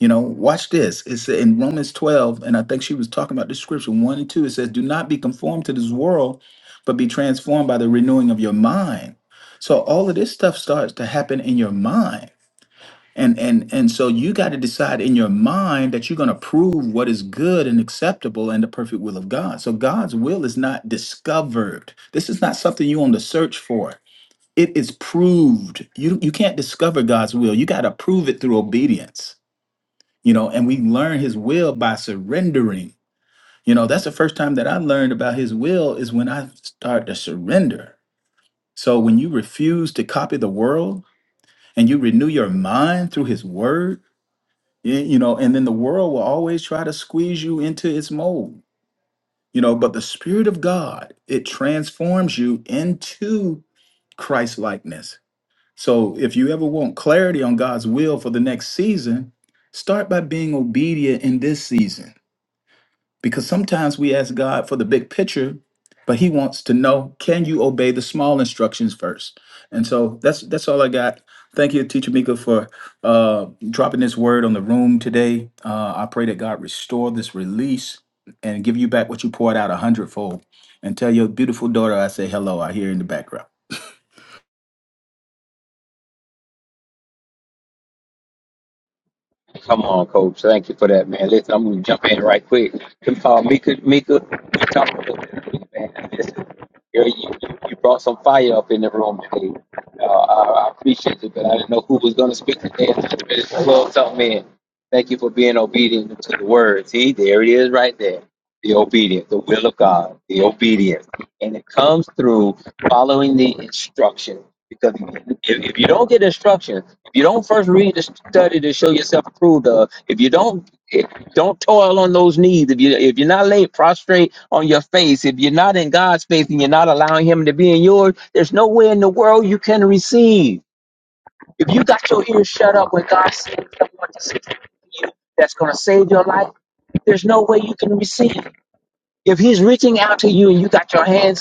S5: You know, watch this. It's in Romans 12, and I think she was talking about the scripture 1 and 2. It says, Do not be conformed to this world, but be transformed by the renewing of your mind. So all of this stuff starts to happen in your mind and and and so you got to decide in your mind that you're going to prove what is good and acceptable and the perfect will of god so god's will is not discovered this is not something you on the search for it is proved you you can't discover god's will you got to prove it through obedience you know and we learn his will by surrendering you know that's the first time that i learned about his will is when i start to surrender so when you refuse to copy the world and you renew your mind through his word Y- you know and then the world will always try to squeeze you into its mold you know but the spirit of god it transforms you into christ likeness so if you ever want clarity on god's will for the next season start by being obedient in this season because sometimes we ask God for the big picture, but he wants to know, can you obey the small instructions first? And so that's that's all I got. Thank you, Teacher Mika, for uh, dropping this word on the room today. Uh, I pray that God restore this release and give you back what you poured out a hundredfold. And tell your beautiful daughter I say hello. I hear in the background.
S3: Come on, coach. Thank you for that, man. Listen, I'm gonna jump in right quick. Come call Mika. Mika, we talked about that earlier, man. Listen, girl, you, you you brought some fire up in the room today. Uh, I, I appreciate it, but I didn't know who was gonna speak today. I just really plugged something in. Thank you for being obedient to the word. See, there it is, right there. The obedience, the will of God, the obedience, and it comes through following the instruction. Because if, if you don't get instructions, if you don't first read the study to show yourself approved of, if you don't if you don't toil on those knees, if you if you're not laid prostrate on your face, if you're not in God's face and you're not allowing Him to be in yours, there's no way in the world you can receive. If you got your ears shut up when God sends someone to save you, that's going to save your life. There's no way you can receive. If He's reaching out to you and you got your hands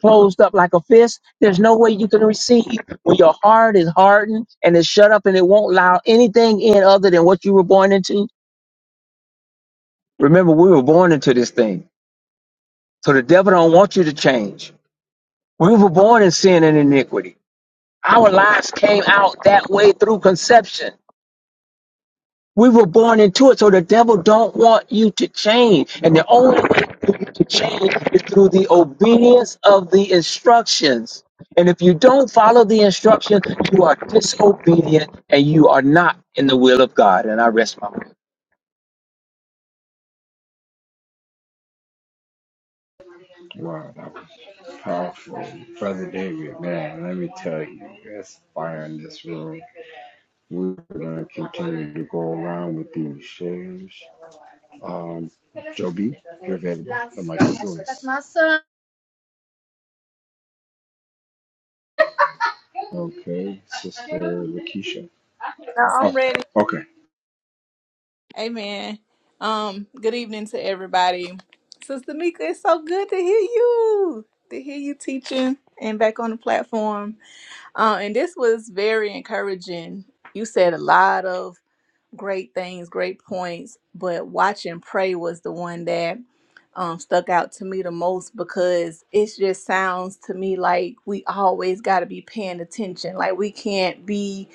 S3: closed up like a fist. There's no way you can receive when your heart is hardened and it's shut up and it won't allow anything in other than what you were born into. Remember, we were born into this thing. So the devil don't want you to change. We were born in sin and iniquity. Our lives came out that way through conception. We were born into it, so the devil don't want you to change. And the only way for you to change is through the obedience of the instructions. And if you don't follow the instructions, you are disobedient and you are not in the will of God. And I rest my mind.
S2: Wow, that was powerful. Brother David, man, let me tell you, there's fire in this room. We're going to continue to go around with these shares. Um, Joby, you're available. The mic is yours. Okay, Sister Lakeisha.
S4: No, I'm
S2: Oh,
S4: ready.
S2: okay.
S4: Amen. Um, good evening to everybody. Sister Mika, it's so good to hear you. To hear you teaching and back on the platform. Uh, and this was very encouraging. You said a lot of great things, great points, but watch and pray was the one that um, stuck out to me the most because it just sounds to me like we always got to be paying attention. Like we can't be,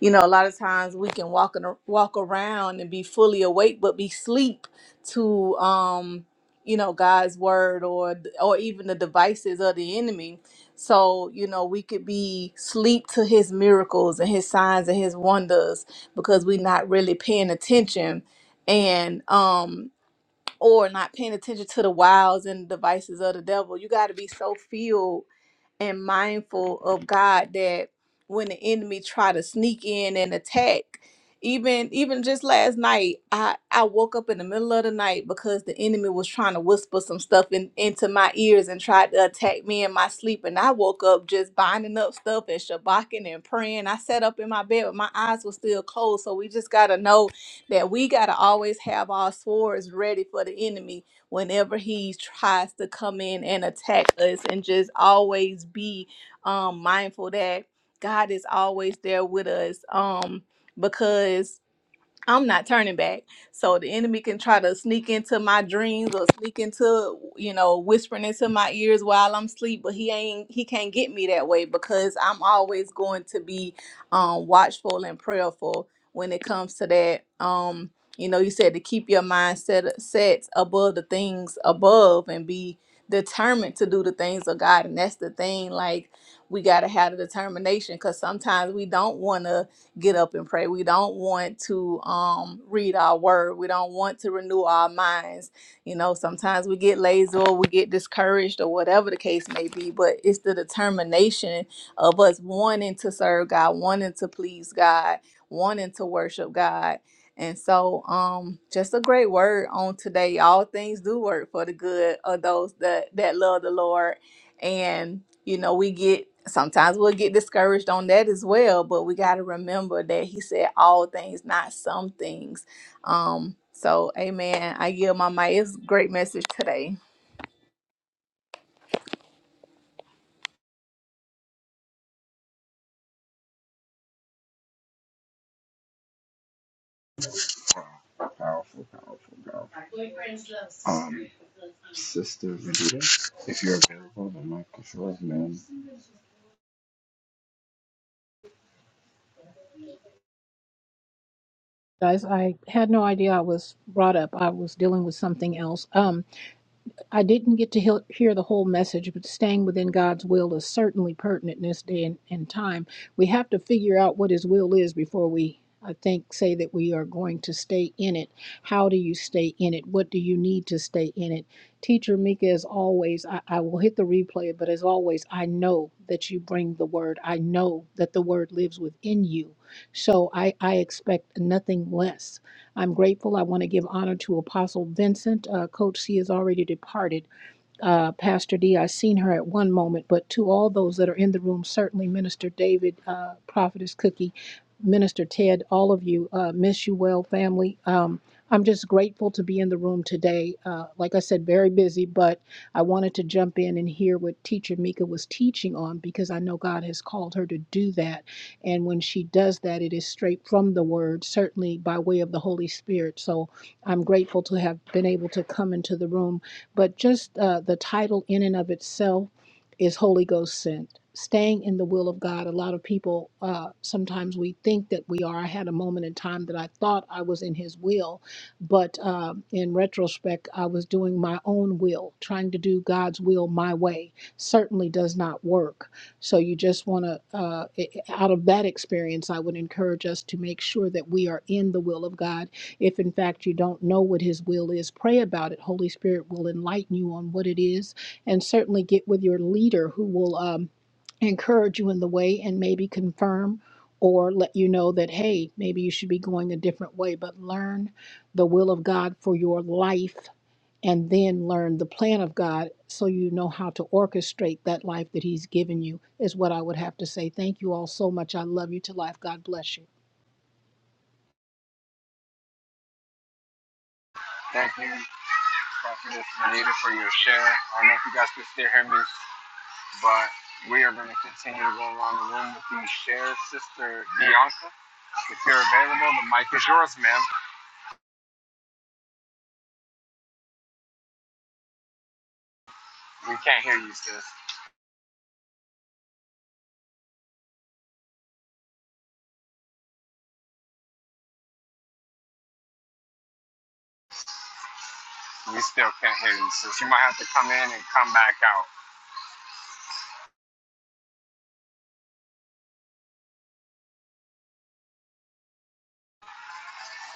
S4: you know, a lot of times we can walk and walk around and be fully awake but be sleep to, um, you know, God's word or or even the devices of the enemy. So you know we could be sleep to His miracles and His signs and His wonders because we're not really paying attention and um or not paying attention to the wiles and devices of the devil. You got to be so filled and mindful of God that when the enemy try to sneak in and attack, even even just last night, I I woke up in the middle of the night because the enemy was trying to whisper some stuff in, into my ears and tried to attack me in my sleep. And I woke up just binding up stuff and shabaking and praying. I sat up in my bed, but my eyes were still closed. So we just gotta know that we gotta always have our swords ready for the enemy whenever he tries to come in and attack us and just always be um mindful that God is always there with us um because I'm not turning back. So the enemy can try to sneak into my dreams or sneak into, you know, whispering into my ears while I'm asleep, but he ain't he can't get me that way because I'm always going to be um watchful and prayerful when it comes to that. Um, you know, you said to keep your mind set set above the things above and be determined to do the things of God. And that's the thing, like we gotta have the determination because sometimes we don't wanna get up and pray. We don't want to um, read our word. We don't want to renew our minds. You know, sometimes we get lazy or we get discouraged or whatever the case may be, but it's the determination of us wanting to serve God, wanting to please God, wanting to worship God. And so, um, just a great word on today. All things do work for the good of those that that love the Lord and you know we get sometimes we'll get discouraged on that as well but we got to remember that he said all things not some things um so amen i give my mic it's a great message today
S2: Powerful, powerful, powerful. Um, Sister Renita, if you're available, the mic is yours, man.
S6: guys. I had no idea I was brought up. I was dealing with something else. Um, I didn't get to hear hear the whole message, but staying within God's will is certainly pertinent in this day and, and time. We have to figure out what His will is before we, I think, say that we are going to stay in it. How do you stay in it? What do you need to stay in it? Teacher Mika, as always, I, I will hit the replay, but as always, I know that you bring the word. I know that the word lives within you. So I, I expect nothing less. I'm grateful. I want to give honor to Apostle Vincent. Uh, Coach C is already departed, uh, Pastor D. I seen her at one moment, but to all those that are in the room, certainly Minister David, uh, Prophetess Cookie, Minister Ted, all of you, uh, miss you well, family. Um, I'm just grateful to be in the room today. Uh, like I said, very busy, but I wanted to jump in and hear what Teacher Mika was teaching on because I know God has called her to do that. And when she does that, it is straight from the Word, certainly by way of the Holy Spirit. So I'm grateful to have been able to come into the room but just uh, the title in and of itself is Holy Ghost sent. Staying in the will of God. A lot of people uh, sometimes we think that we are. I had a moment in time that I thought I was in His will, but uh, in retrospect, I was doing my own will, trying to do God's will my way. Certainly does not work. So you just want to, uh, i- out of that experience, I would encourage us to make sure that we are in the will of God if in fact you don't know what His will is, pray about it. Holy Spirit will enlighten you on what it is, and certainly get with your leader who will um, encourage you in the way and maybe confirm or let you know that, hey, maybe you should be going a different way. But learn the will of God for your life and then learn the plan of God so you know how to orchestrate that life that He's given you, is what I would have to say. Thank you all so much. I love you to life. God bless you.
S2: Thank you, Prophetess Anita, for your share. I don't know if you guys can still hear me. but we are going to continue to go around the room with you, share, sister Bianca. If you're available, the mic is yours, ma'am. We can't hear you, sis. We still can't hear you, sis. You might have to come in and come back out.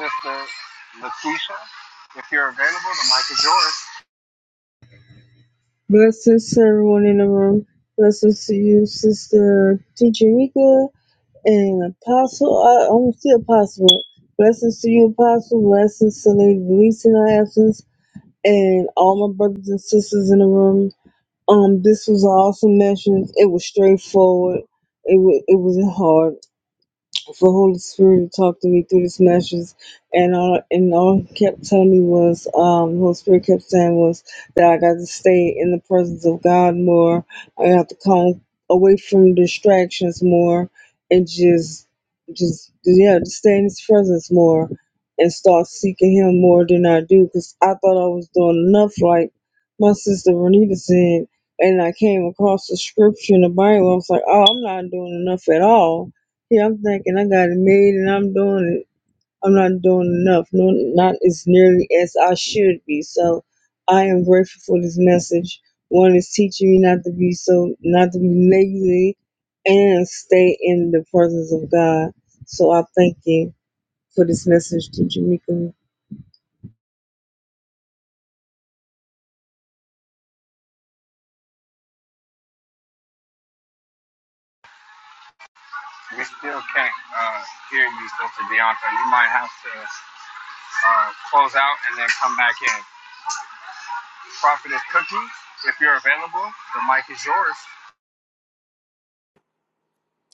S2: Sister Lakeisha, if you're available, the mic is yours.
S7: Blessed everyone in the room. Blessings to you, Sister Teacher Mika and Apostle. I, I'm still Apostle. Blessings to you, Apostle. Blessings to Lady Denise in our absence and all my brothers and sisters in the room. Um, this was an awesome message. It was straightforward. It was it wasn't hard for Holy Spirit to talk to me through this message, and all and all he kept telling me was, um, Holy Spirit kept saying was that I got to stay in the presence of God more. I have to come away from distractions more, and just, just yeah, just stay in His presence more, and start seeking Him more than I do, because I thought I was doing enough, like my sister Renita said. And I came across the scripture in the Bible. I was like, "Oh, I'm not doing enough at all." Yeah, I'm thinking I got it made and I'm doing it. I'm not doing enough. No, not as nearly as I should be. So I am grateful for this message. One is teaching me not to be so, not to be lazy and stay in the presence of God. So I thank you for this message to Jamaica.
S2: We still can't uh, hear you, Sister Bianca. You might have to uh, close out and then come back in. Prophetess Cookie, if you're available, the mic is yours.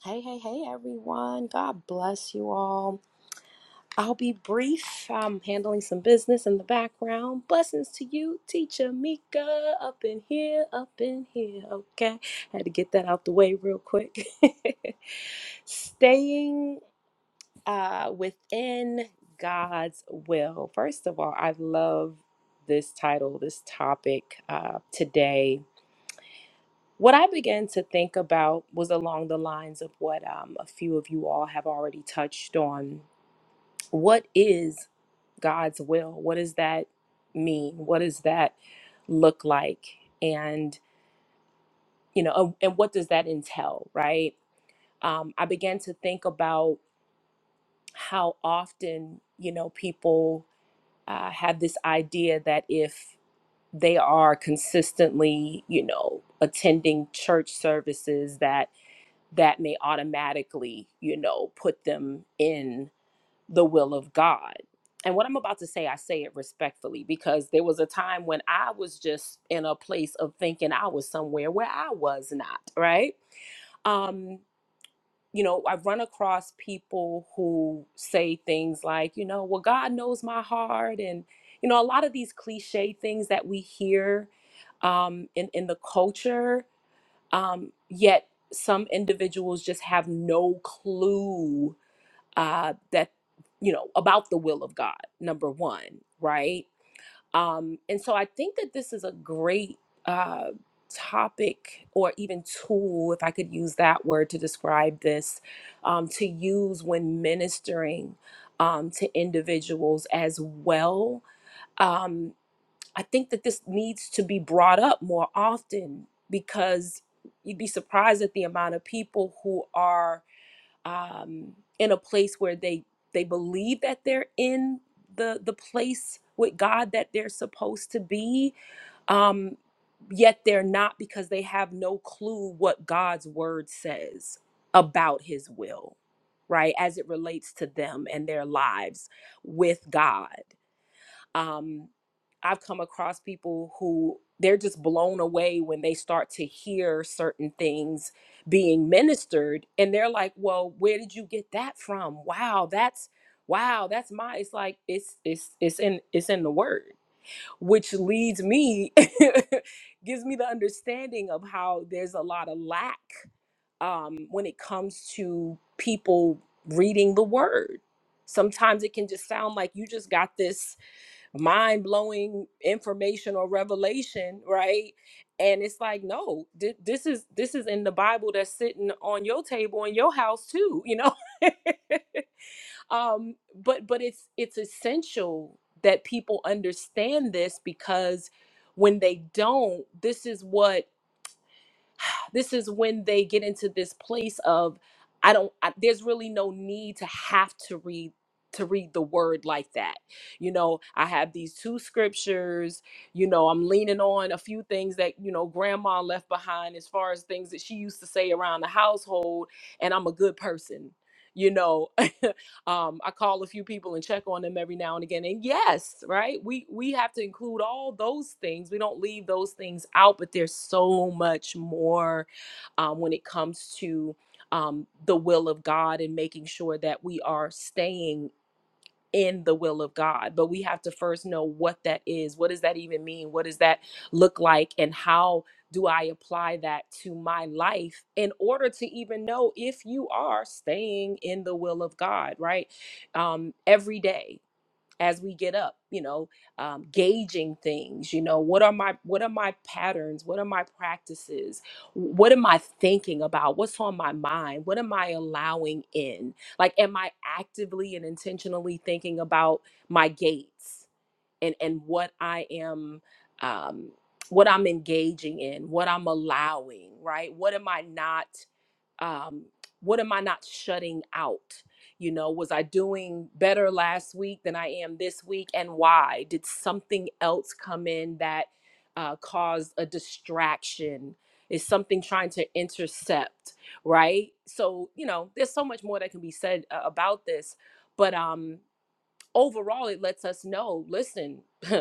S8: Hey, hey, hey, everyone. God bless you all. I'll be brief. I'm handling some business in the background. Blessings to you, teacher Mika, up in here, up in here. Okay. Had to get that out the way real quick. Staying uh, within God's will. First of all, I love this title, this topic uh, today. What I began to think about was along the lines of what um, a few of you all have already touched on. What is God's will? What does that mean? What does that look like? And, you know, um, and what does that entail, right? Um, I began to think about how often, you know, people uh, have this idea that if they are consistently, you know, attending church services, that that may automatically, you know, put them in the will of God. And what I'm about to say, I say it respectfully because there was a time when I was just in a place of thinking I was somewhere where I was not, right? um you know i've run across people who say things like you know well god knows my heart and you know a lot of these cliche things that we hear um in in the culture um, yet some individuals just have no clue uh, that you know about the will of god number one right um, and so i think that this is a great uh, topic or even tool if i could use that word to describe this um, to use when ministering um, to individuals as well Um, I think that this needs to be brought up more often because you'd be surprised at the amount of people who are um, in a place where they they believe that they're in the the place with God that they're supposed to be, um, yet they're not because they have no clue what God's word says about His will, right? As it relates to them and their lives with God um, I've come across people who they're just blown away when they start to hear certain things being ministered and they're like, "Well, where did you get that from? Wow, that's wow, that's my it's like it's it's it's in it's in the word." Which leads me gives me the understanding of how there's a lot of lack um when it comes to people reading the word. Sometimes it can just sound like you just got this mind blowing information or revelation, right? And it's like, no, thi- this is this is in the Bible that's sitting on your table in your house too, you know. um, but but it's it's essential that people understand this because when they don't, this is what this is when they get into this place of I don't I, there's really no need to have to read to read the word like that. You know, I have these two scriptures, you know, I'm leaning on a few things that, you know, grandma left behind as far as things that she used to say around the household and I'm a good person. You know, Um, I call a few people and check on them every now and again. And yes, right, we we have to include all those things. We don't leave those things out, but there's so much more um, when it comes to um, the will of God and making sure that we are staying in the will of God. But we have to first know what that is. What does that even mean? What does that look like? And how do I apply that to my life in order to even know if you are staying in the will of God, right? Um, every day as we get up you know um, gauging things you know what are my what are my patterns what are my practices what am i thinking about what's on my mind what am i allowing in like am i actively and intentionally thinking about my gates and and what I am um what I'm engaging in, what I'm allowing, right? What am I not um what am I not shutting out? You know, was I doing better last week than I am this week and why? Did something else come in that uh, caused a distraction? Is something trying to intercept, right? So, you know, there's so much more that can be said uh, about this, but um overall it lets us know listen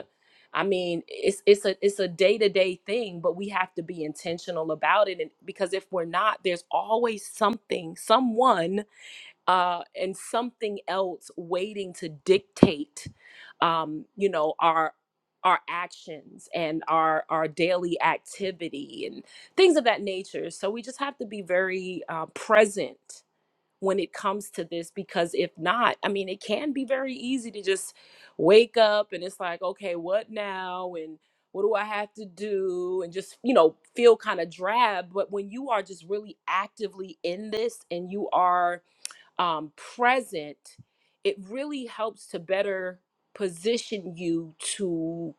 S8: i mean it's it's a it's a day-to-day thing but we have to be intentional about it and because if we're not there's always something someone uh and something else waiting to dictate um you know our our actions and our our daily activity and things of that nature so we just have to be very uh, present when it comes to this because if not, I mean, it can be very easy to just wake up and it's like, okay, what now? And what do I have to do? And just, you know, feel kind of drab. But when you are just really actively in this and you are um, present, it really helps to better position you to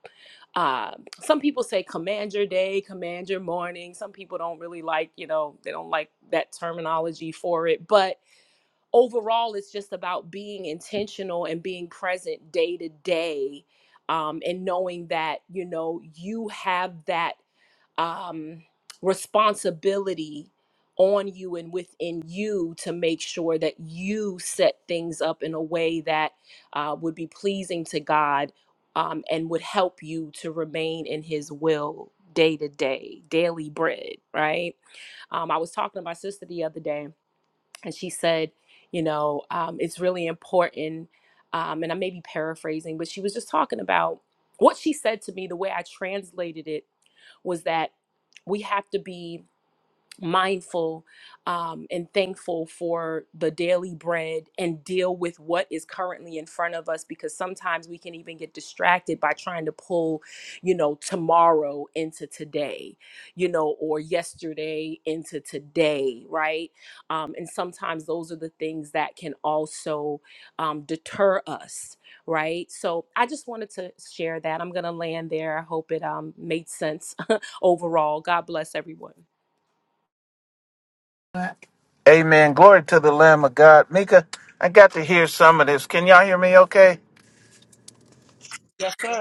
S8: uh, some people say command your day, command your morning. Some people don't really like, you know, they don't like that terminology for it. But overall it's just about being intentional and being present day to day um, and knowing that you know you have that um, responsibility on you and within you to make sure that you set things up in a way that uh, would be pleasing to god um, and would help you to remain in his will day to day daily bread right um, i was talking to my sister the other day and she said, you know, um, it's really important. Um, and I may be paraphrasing, but she was just talking about what she said to me. The way I translated it was that we have to be mindful um, and thankful for the daily bread and deal with what is currently in front of us because sometimes we can even get distracted by trying to pull, you know, tomorrow into today, you know, or yesterday into today, right? Um, and sometimes those are the things that can also um, deter us, right? So I just wanted to share that. I'm going to land there. I hope it um, made sense overall. God bless everyone.
S9: Amen. Glory to the Lamb of God. Mika, I got to hear some of this. Can y'all hear me okay?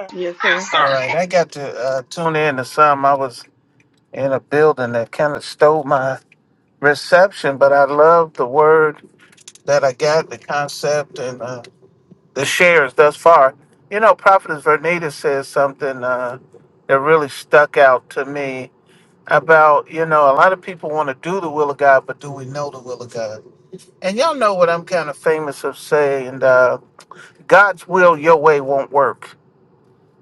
S1: Yes,
S2: Yes,
S1: sir.
S2: sir.
S9: All right. I got to uh, tune in to some. I was in a building that kind of stole my reception, but I love the word that I got, the concept, and uh, the shares thus far. You know, Prophetess Vernita says something uh, that really stuck out to me about, you know, a lot of people want to do the will of God, but do we know the will of God? And y'all know what I'm kind of famous of saying. Uh, God's will, your way won't work.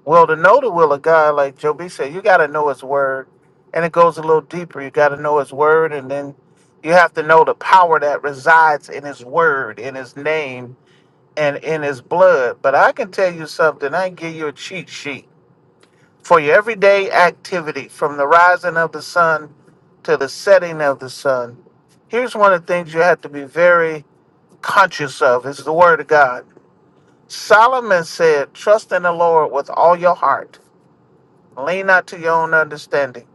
S9: Well, to know the will of God, like Joe B said, you got to know His word, and it goes a little deeper. You got to know His word, and then you have to know the power that resides in His word, in His name, and in His blood. But I can tell you something. I can give you a cheat sheet for your everyday activity, from the rising of the sun to the setting of the sun. Here's one of the things you have to be very conscious of: is the word of God Solomon said, Trust in the Lord with all your heart. Lean not to your own understanding.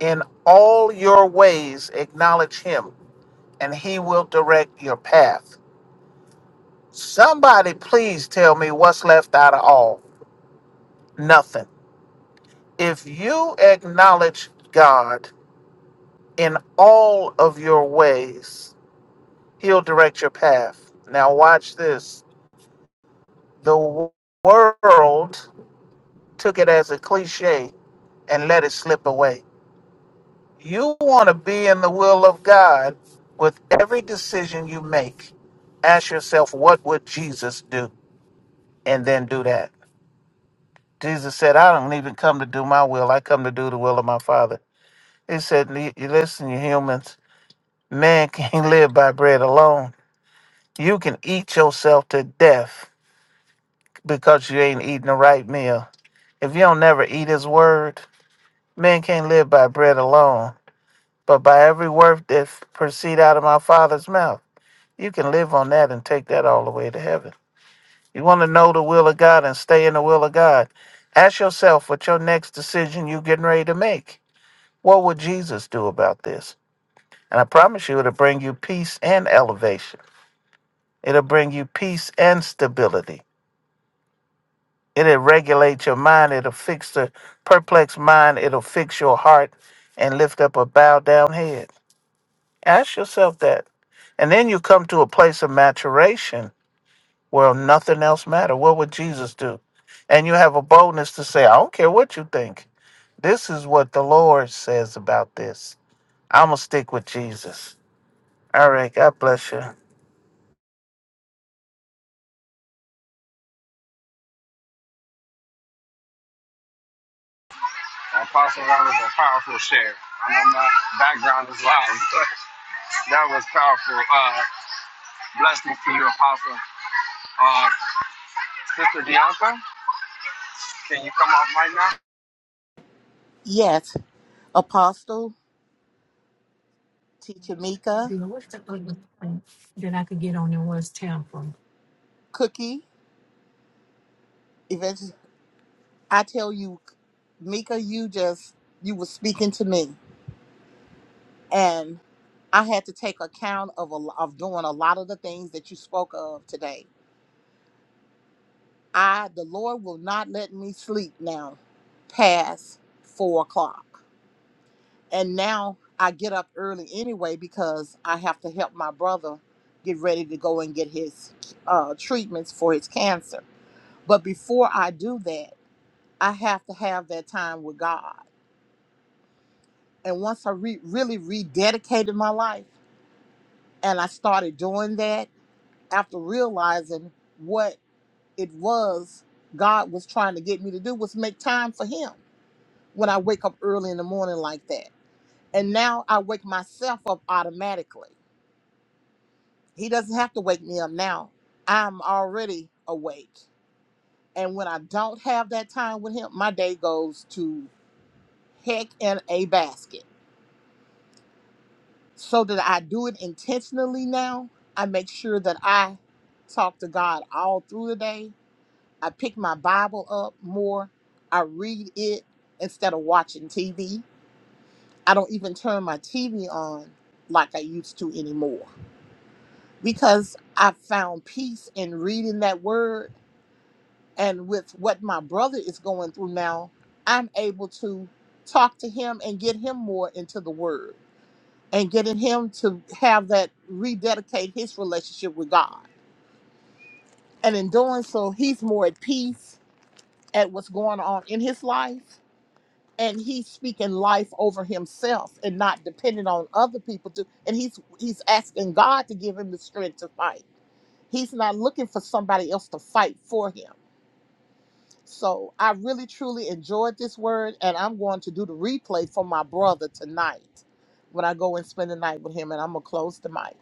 S9: In all your ways, acknowledge him, and he will direct your path. Somebody, please tell me what's left out of all. Nothing. If you acknowledge God in all of your ways, he'll direct your path. Now, watch this. The world took it as a cliche and let it slip away You want to be in the will of God with every decision you make. Ask yourself, what would Jesus do? And then do that. Jesus said, I don't even come to do my will. I come to do the will of my Father. He said, "Li- you Listen, you humans, man can't live by bread alone. You can eat yourself to death because you ain't eating the right meal. If you don't never eat his word, man can't live by bread alone, but by every word that f- proceed out of my Father's mouth. You can live on that and take that all the way to heaven. You want to know the will of God and stay in the will of God. Ask yourself what your next decision you're getting ready to make. What would Jesus do about this? And I promise you, it'll bring you peace and elevation. It'll bring you peace and stability. It'll regulate your mind. It'll fix the perplexed mind. It'll fix your heart and lift up a bowed down head. Ask yourself that. And then you come to a place of maturation Well, nothing else matter. What would Jesus do? And you have a boldness to say, I don't care what you think. This is what the Lord says about this. I'm going to stick with Jesus. All right. God bless you.
S2: Apostle, that was a powerful share. I know my background is loud, but that was powerful. Uh, blessings to you, Apostle. Uh, Sister Bianca, can you come off right now?
S10: Yes, Apostle, Teacher Mika,
S9: You know, What's the other thing that I could get on there was temper?
S10: Cookie, eventually. I tell you, Mika, you just, you were speaking to me. And I had to take account of, a, of doing a lot of the things that you spoke of today. I, the Lord will not let me sleep now past four o'clock. And now I get up early anyway because I have to help my brother get ready to go and get his uh, treatments for his cancer. But before I do that, I have to have that time with God. And once I re- really rededicated my life and I started doing that after realizing what it was God was trying to get me to do was make time for Him when I wake up early in the morning like that. And now I wake myself up automatically. He doesn't have to wake me up now. I'm already awake. And when I don't have that time with Him, my day goes to heck in a basket so that I do it intentionally now. I make sure that I talk to God all through the day. I pick my Bible up more. I read it instead of watching TV. I don't even turn my TV on like I used to anymore because I found peace in reading that word. And with what my brother is going through now, I'm able to talk to him and get him more into the word and getting him to have that rededicate his relationship with God. And in doing so, he's more at peace at what's going on in his life. And he's speaking life over himself and not depending on other people to and he's he's asking God to give him the strength to fight. He's not looking for somebody else to fight for him. So I really truly enjoyed this word and I'm going to do the replay for my brother tonight when I go and spend the night with him and I'm gonna close the mic.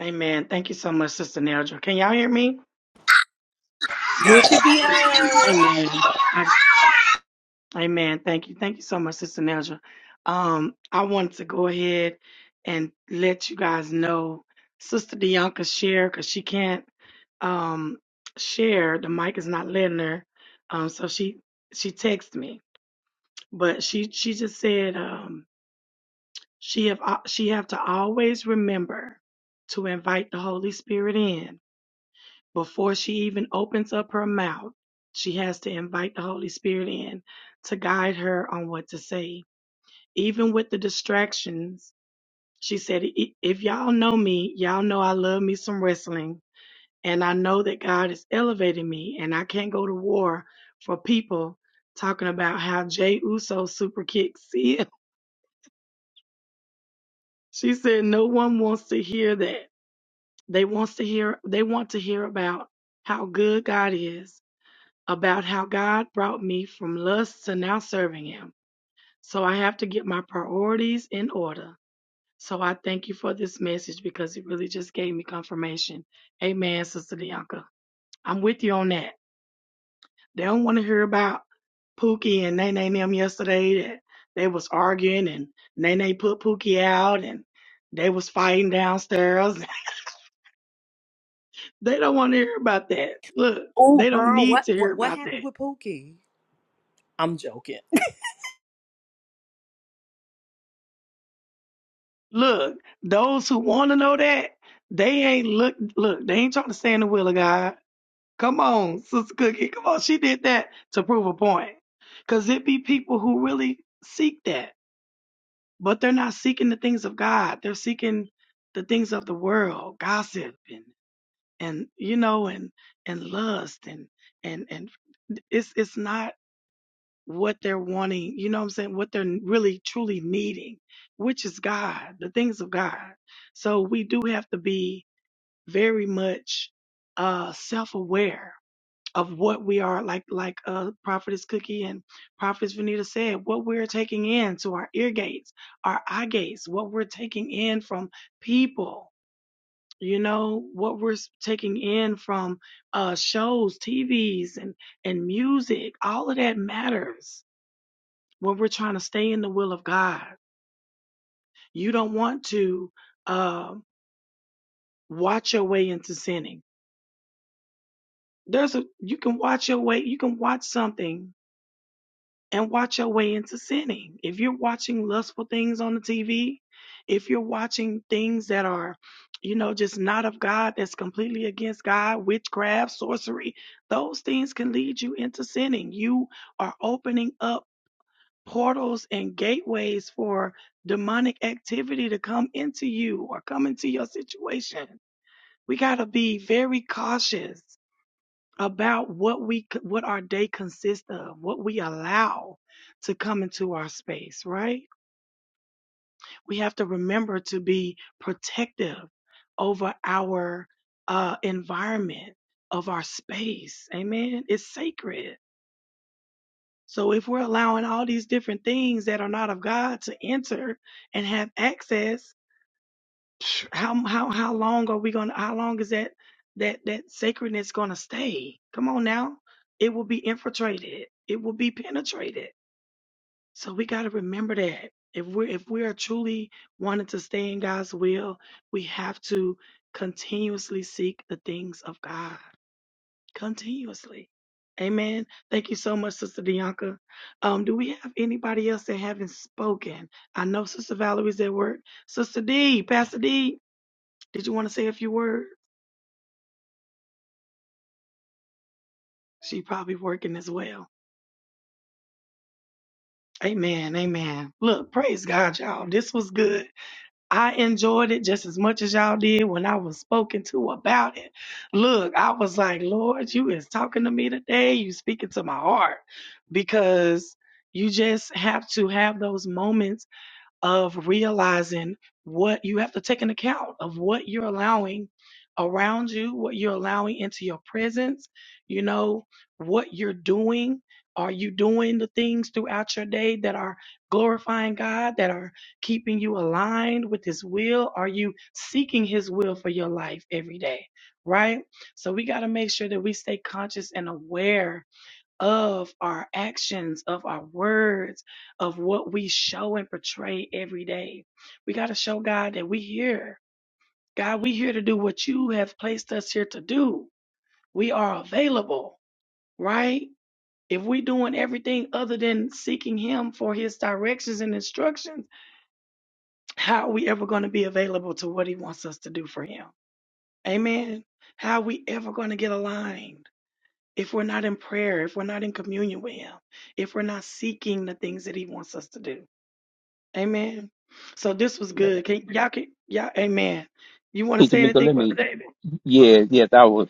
S1: Amen. Thank you so much, Sister Nelja. Can y'all hear me?
S8: You
S2: Yes.
S8: could be heard.
S1: Amen. I- Amen. Thank you. Thank you so much, Sister Nelja. Um, I wanted to go ahead and let you guys know Sister Dianca share because she can't um, share. The mic is not letting her. Um, so she she texted me. but she she just said um she have uh, she have to always remember to invite the holy spirit in before she even opens up her mouth she has to invite the holy spirit in to guide her on what to say even with the distractions she said "I- if y'all know me y'all know i love me some wrestling and i know that god is elevating me and i can't go to war for people talking about how jay uso super kicks She said no one wants to hear that. They wants to hear they want to hear about how good God is, about how God brought me from lust to now serving him. So I have to get my priorities in order. So I thank you for this message because it really just gave me confirmation. Amen, Sister Bianca. I'm with you on that. They don't want to hear about Pookie and Nene and them yesterday that they was arguing and Nene put Pookie out and they was fighting downstairs They don't want to hear about that. Look,
S8: Oh,
S1: they don't
S8: girl,
S1: need
S8: what
S1: to hear
S8: what what
S1: about that.
S8: happened with Pookie? I'm joking.
S1: Look, those who want to know that, they ain't look look, they ain't trying to stand the will of God. Come on, Sister Cookie. Come on, she did that to prove a point. Cause it be people who really seek that, but they're not seeking the things of God. They're seeking the things of the world, gossip and and you know, and and lust and and and it's it's not what they're wanting, you know what I'm saying, what they're really truly needing, which is God, the things of God. So we do have to be very much uh self-aware of what we are like like uh prophetess cookie and prophetess vanita said what we're taking in to our ear gates our eye gates what we're taking in from people you know what we're s- taking in from uh shows tvs and and music all of that matters when we're trying to stay in the will of God. You don't want to uh, watch your way into sinning. There's a you can watch your way. You can watch something and watch your way into sinning. If you're watching lustful things on the TV, if you're watching things that are, you know, just not of God, that's completely against God, witchcraft, sorcery, those things can lead you into sinning. You are opening up portals and gateways for demonic activity to come into you or come into your situation. We got to be very cautious about what we what our day consists of, what we allow to come into our space, right? We have to remember to be protective over our uh environment, of our space. Amen. It's sacred. So if we're allowing all these different things that are not of God to enter and have access, psh, how how how long are we gonna how long is that that that sacredness gonna stay? Come on now. It will be infiltrated. It will be penetrated. So we gotta remember that. If we're if we are truly wanting to stay in God's will, we have to continuously seek the things of God continuously. Amen. Thank you so much, Sister Bianca. Um, do we have anybody else that haven't spoken? I know Sister Valerie's at work. Sister D, Pastor D, did you want to say a few words? She probably working as well. Amen. Amen. Look, praise God, y'all. This was good. I enjoyed it just as much as y'all did when I was spoken to about it. Look, I was like, Lord, you is talking to me today. You speaking to my heart because you just have to have those moments of realizing what you have to take an account of what you're allowing around you, what you're allowing into your presence, you know, what you're doing. Are you doing the things throughout your day that are glorifying God, that are keeping you aligned with His will? Are you seeking His will for your life every day? Right? So we got to make sure that we stay conscious and aware of our actions, of our words, of what we show and portray every day. We got to show God that we here. God, we here to do what you have placed us here to do. We are available, right? If we doing everything other than seeking him for his directions and instructions, how are we ever going to be available to what he wants us to do for him? Amen. How are we ever going to get aligned? if we're not in prayer, if we're not in communion with Him, if we're not seeking the things that He wants us to do. Amen. So this was
S3: Amen.
S1: good. Can, y'all can, y'all, amen. You want to
S3: Hey,
S1: say
S3: Tamika,
S1: anything,
S3: let
S1: Brother
S3: me.
S1: David?
S3: Yeah, yes, I was.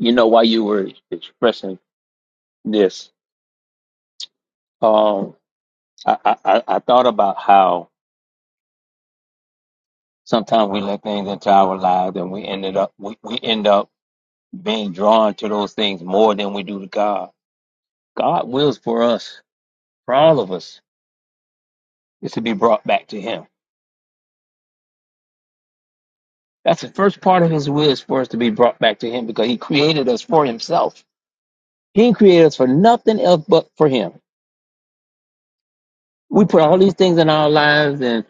S3: You know, while you were expressing this, um, I, I, I I thought about how sometimes we let things into our lives and we ended up we, we end up being drawn to those things more than we do to God. God wills for us, for all of us, is to be brought back to Him. That's the first part of His will is for us to be brought back to Him because He created us for Himself. He didn't create us for nothing else but for Him. We put all these things in our lives and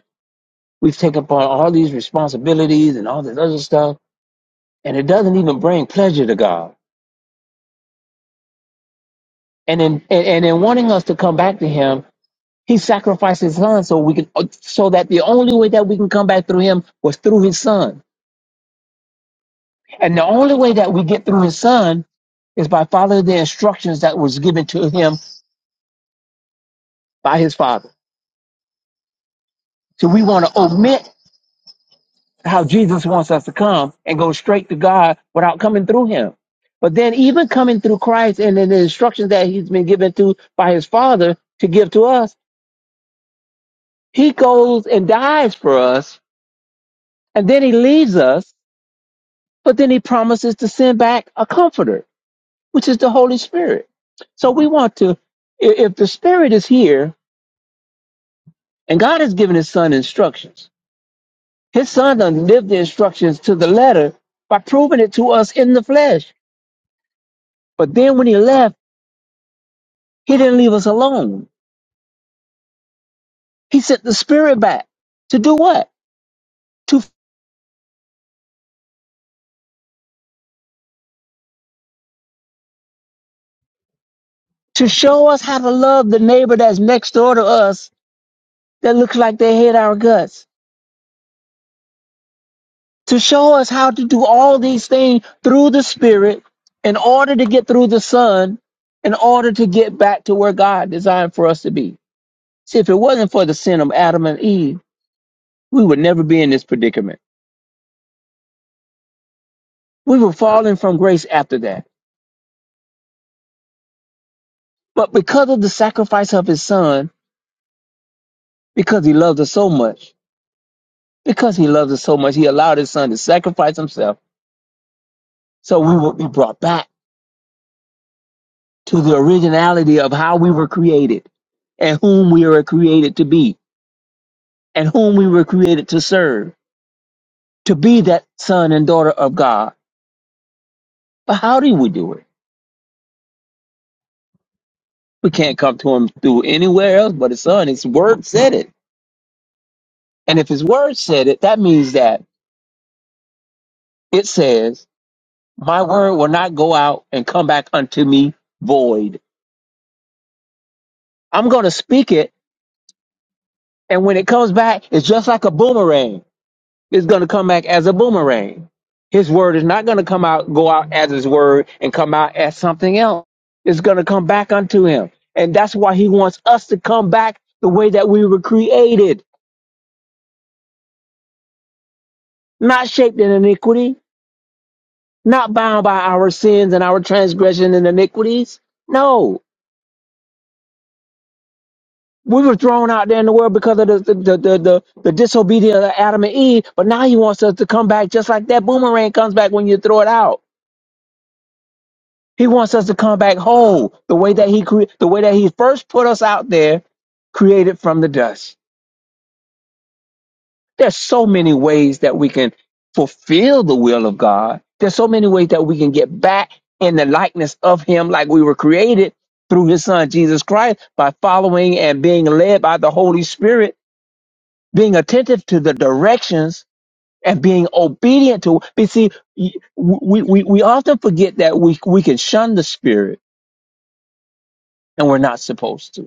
S3: we've taken upon all these responsibilities and all this other stuff, and it doesn't even bring pleasure to God. And in and, and in wanting us to come back to Him, He sacrificed his son so we can, so that the only way that we can come back through him was through his son. And the only way that we get through his son is by following the instructions that was given to him by his father. So we want to omit how Jesus wants us to come and go straight to God without coming through him. But then even coming through Christ and in the instructions that he's been given to by his father to give to us, he goes and dies for us and then he leaves us, but then he promises to send back a comforter which is the Holy Spirit. So we want to, i- if the Spirit is here and God has given His Son instructions, His Son done lived the instructions to the letter by proving it to us in the flesh. But then when He left, He didn't leave us alone. He sent the Spirit back to do what? To to show us how to love the neighbor that's next door to us that looks like they hate our guts to show us how to do all these things through the Spirit in order to get through the Son, in order to get back to where God designed for us to be. See, if it wasn't for the sin of Adam and Eve, we would never be in this predicament. We were falling from grace after that. But because of the sacrifice of his son, because he loved us so much, because he loved us so much, he allowed his son to sacrifice himself so we would be brought back to the originality of how we were created and whom we were created to be. and whom we were created to serve, to be that son and daughter of God. But how do we do it? We can't come to him through anywhere else but his son. His word said it. And if his word said it, that means that it says, My word will not go out and come back unto me void. I'm going to speak it. And when it comes back, it's just like a boomerang. Is going to come back as a boomerang. His word is not going to come out, go out as his word and come out as something else. It's going to come back unto him. And that's why he wants us to come back the way that we were created, not shaped in iniquity, not bound by our sins and our transgression and iniquities. No, we were thrown out there in the world because of the, the, the, the, the, the disobedience of Adam and Eve. But now he wants us to come back just like that boomerang comes back when you throw it out. He wants us to come back whole, the way that he cre- the way that he first put us out there, created from the dust. There's so many ways that we can fulfill the will of God. There's so many ways that we can get back in the likeness of him like we were created through his son Jesus Christ by following and being led by the Holy Spirit, being attentive to the directions and being obedient to. But see, we, we, we often forget that we, we can shun the spirit and we're not supposed to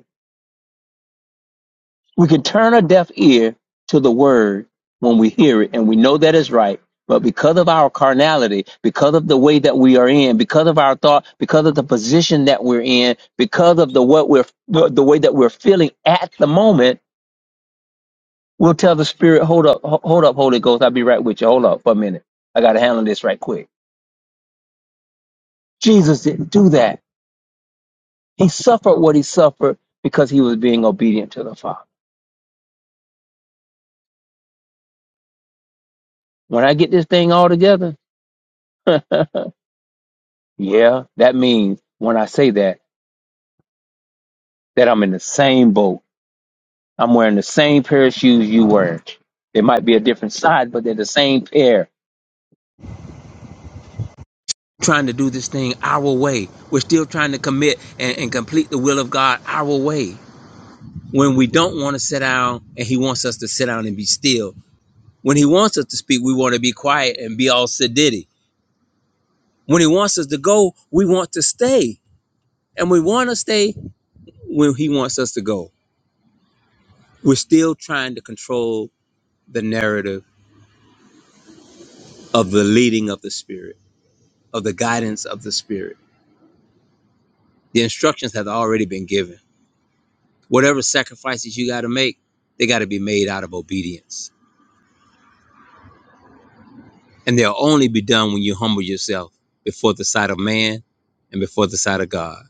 S3: We can turn a deaf ear to the word when we hear it and we know that is right. But because of our carnality, because of the way that we are in, because of our thought, because of the position that we're in, because of the what we're the, the way that we're feeling at the moment, we'll tell the spirit, "Hold up, ho- hold up, Holy Ghost, I'll be right with you. Hold up for a minute. I got to handle this right quick." Jesus didn't do that. He suffered what he suffered because he was being obedient to the Father. When I get this thing all together, Yeah, that means when I say that, that I'm in the same boat. I'm wearing the same pair of shoes you wear. It might be a different size, but they're the same pair. Trying to do this thing our way. We're still trying to commit and, and complete the will of God our way. When we don't want to sit down and He wants us to sit down and be still. When He wants us to speak, we want to be quiet and be all sedity. When He wants us to go, we want to stay. And we want to stay when He wants us to go. We're still trying to control the narrative of the leading of the Spirit, of the guidance of the Spirit. The instructions have already been given. Whatever sacrifices you got to make, they got to be made out of obedience. And they'll only be done when you humble yourself before the sight of man and before the sight of God.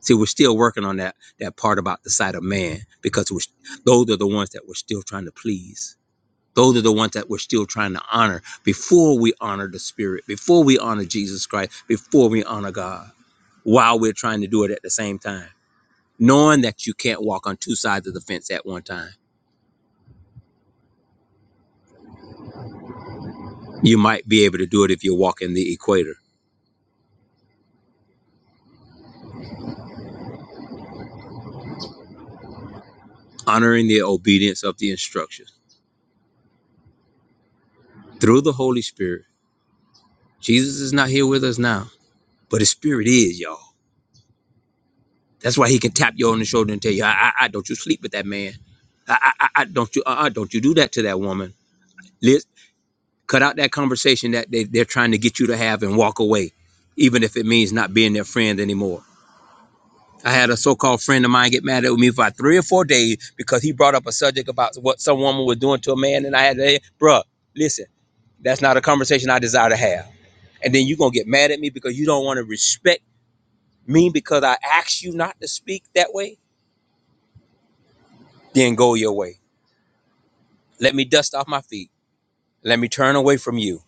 S3: See, we're still working on that that part about the sight of man because we're, those are the ones that we're still trying to please. Those are the ones that we're still trying to honor before we honor the Spirit, before we honor Jesus Christ, before we honor God, while we're trying to do it at the same time. knowing that you can't walk on two sides of the fence at one time. You might be able to do it if you're walking the equator, honoring the obedience of the instructions through the Holy Spirit. Jesus is not here with us now, but his spirit is, y'all. That's why he can tap you on the shoulder and tell you, I, I, I don't you sleep with that man. I, I, I don't you, uh, uh, don't you do that to that woman. Liz, cut out that conversation that they, they're trying to get you to have and walk away, even if it means not being their friend anymore. I had a so-called friend of mine get mad at me for about three or four days because he brought up a subject about what some woman was doing to a man, and I had to, say, bruh, listen, that's not a conversation I desire to have. And then you're gonna get mad at me because you don't want to respect me because I asked you not to speak that way. Then go your way. Let me dust off my feet. Let me turn away from you.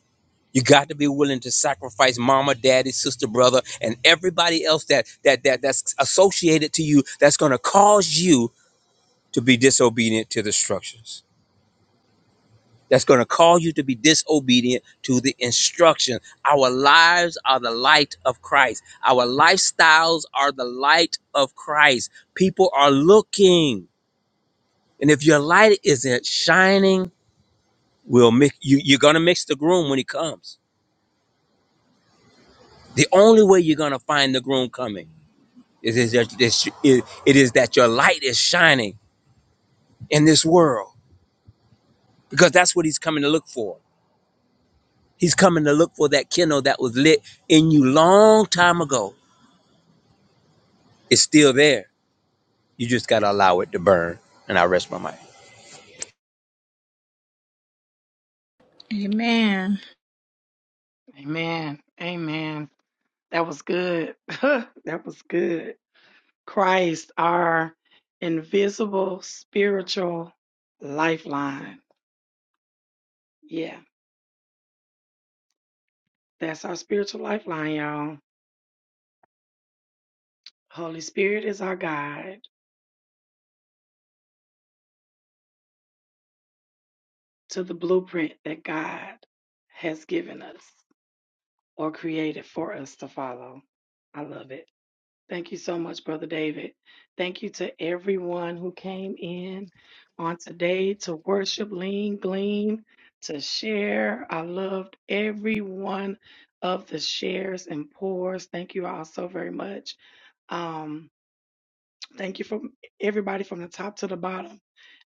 S3: You got to be willing to sacrifice mama, daddy, sister, brother, and everybody else that that that that's associated to you that's gonna cause you to be disobedient to the structures. that's going to cause you to be disobedient to the instruction. Our lives are the light of Christ. Our lifestyles are the light of Christ. People are looking. And if your light isn't shining, we'll mix, you, you're going to mix the groom when he comes. The only way you're going to find the groom coming is, is that, is- it it is that your light is shining in this world because that's what he's coming to look for. He's coming to look for that candle that was lit in you long time ago It's still there. You just gotta allow it to burn. And I rest my mind.
S4: amen
S1: Amen. Amen. That was good. that was good. Christ, our invisible spiritual lifeline. Yeah, that's our spiritual lifeline, y'all. Holy Spirit is our guide to the blueprint that God has given us. or created for us to follow. I love it. Thank you so much, Brother David. Thank you to everyone who came in on today to worship, lean, glean, to share. I loved every one of the shares and pours. Thank you all so very much. Um, thank you from everybody from the top to the bottom.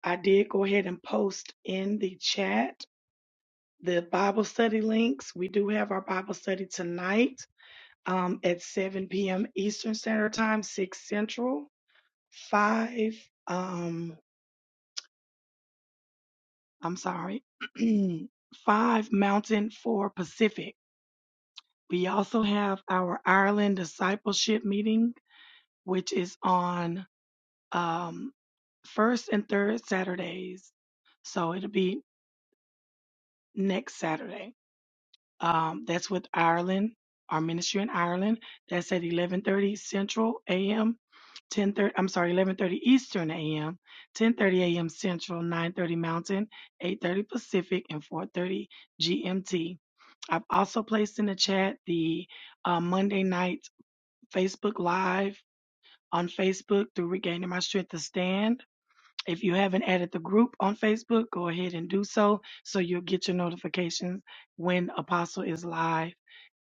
S1: I did go ahead and post in the chat the Bible study links. We do have our Bible study tonight um, at 7 p.m. Eastern Standard Time, 6 Central, 5, um, I'm sorry, 5 Mountain, 4 Pacific. We also have our Ireland Discipleship Meeting, which is on um, first and third Saturdays. So it'll be next Saturday. Um, that's with Ireland, our ministry in Ireland. That's at 11:30 Central AM, 10:30. I'm sorry, 11:30 Eastern AM, 10:30 AM Central, 9:30 Mountain, 8:30 Pacific, and 4:30 GMT. I've also placed in the chat the uh, Monday night Facebook Live on Facebook through Regaining My Strength to Stand if you haven't added the group on Facebook, go ahead and do so so you'll get your notifications when Apostle is live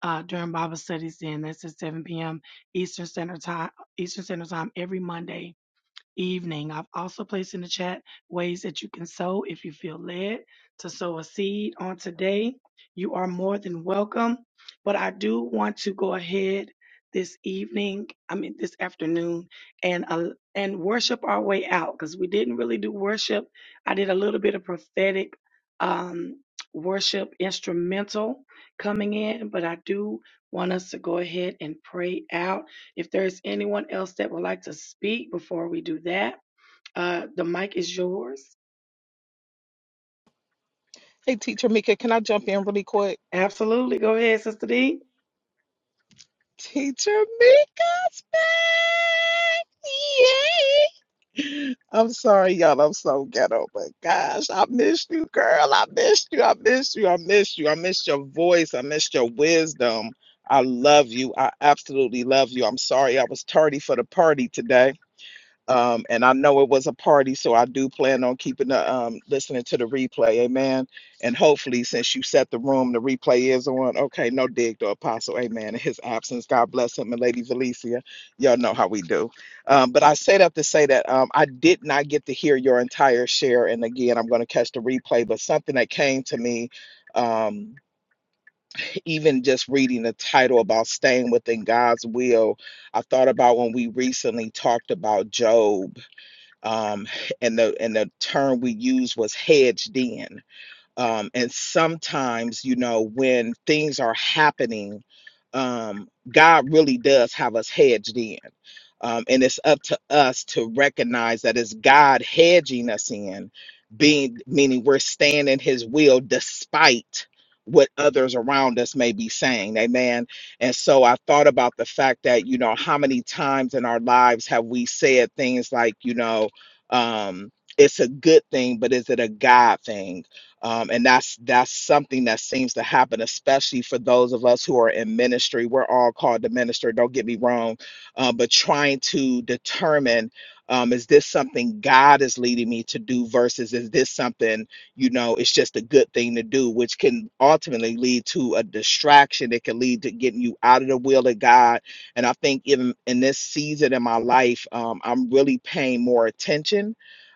S1: uh, during Bible studies. Then that's at 7 p.m. Eastern Standard Time, Eastern Standard Time every Monday evening. I've also placed in the chat ways that you can sow if you feel led to sow a seed on today. You are more than welcome. But I do want to go ahead this evening, I mean this afternoon, and uh, and worship our way out because we didn't really do worship. I did a little bit of prophetic um, worship instrumental coming in, but I do want us to go ahead and pray out if there's anyone else that would like to speak before we do that, uh, the mic is yours.
S11: Hey, Teacher Mika, can I jump in really quick?
S1: Absolutely. Go ahead, Sister D.
S11: Teacher Mika's back! Yay! I'm sorry, y'all. I'm so ghetto, but gosh, I missed you, girl. I missed you. I missed you. I missed you. I missed your voice. I missed your wisdom. I love you. I absolutely love you. I'm sorry I was tardy for the party today. Um, and I know it was a party, so I do plan on keeping the um, listening to the replay. Amen. And hopefully, since you set the room, the replay is on. Okay, no dig to Apostle. Amen. In his absence, God bless him and Lady Valencia. Y'all know how we do. Um, but I set up to say that um, I did not get to hear your entire share. And again, I'm going to catch the replay, but something that came to me. Um, even just reading the title about staying within God's will, I thought about when we recently talked about Job um, and the and the term we used was hedged in. Um, and sometimes, you know, when things are happening, um, God really does have us hedged in. Um, and it's up to us to recognize that it's God hedging us in, being meaning we're staying in his will despite what others around us may be saying. Amen. And so I thought about the fact that, you know, how many times in our lives have we said things like, you know, um, it's a good thing, but is it a God thing? um, and that's that's something that seems to happen especially for those of us who are in ministry we're all called to minister don't get me wrong uh, but trying to determine um, is this something god is leading me to do versus is this something you know it's just a good thing to do which can ultimately lead to a distraction it can lead to getting you out of the will of god and i think in in this season in my life um, i'm really paying more attention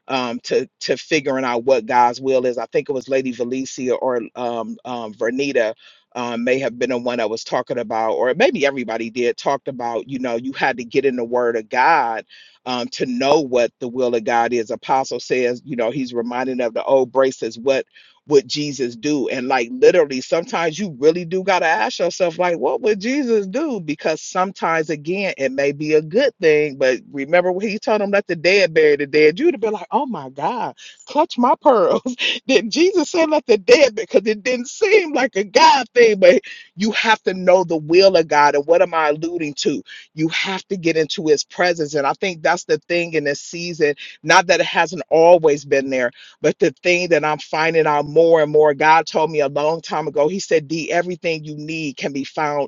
S11: um, to to figuring out what God's will is. I think it was Lady Valencia or um, um, Vernita um, may have been the one that was talking about, or maybe everybody did talked about. You know, you had to get in the Word of God um, to know what the will of God is. Apostle says, you know, he's reminded of the old braces. What would Jesus do? And like literally, sometimes you really do got to ask yourself, like, what would Jesus do? Because sometimes, again, it may be a good thing, but remember when he told them, let the dead bury the dead, you'd have been like, oh my God, clutch my pearls. Then Jesus said, let the dead, because it didn't seem like a God thing, but you have to know the will of God. And what am I alluding to? You have to get into his presence. And I think that's the thing in this season, not that it hasn't always been there but the thing that I'm finding out more and more, God told me a long time ago, He said, D, everything you need can be found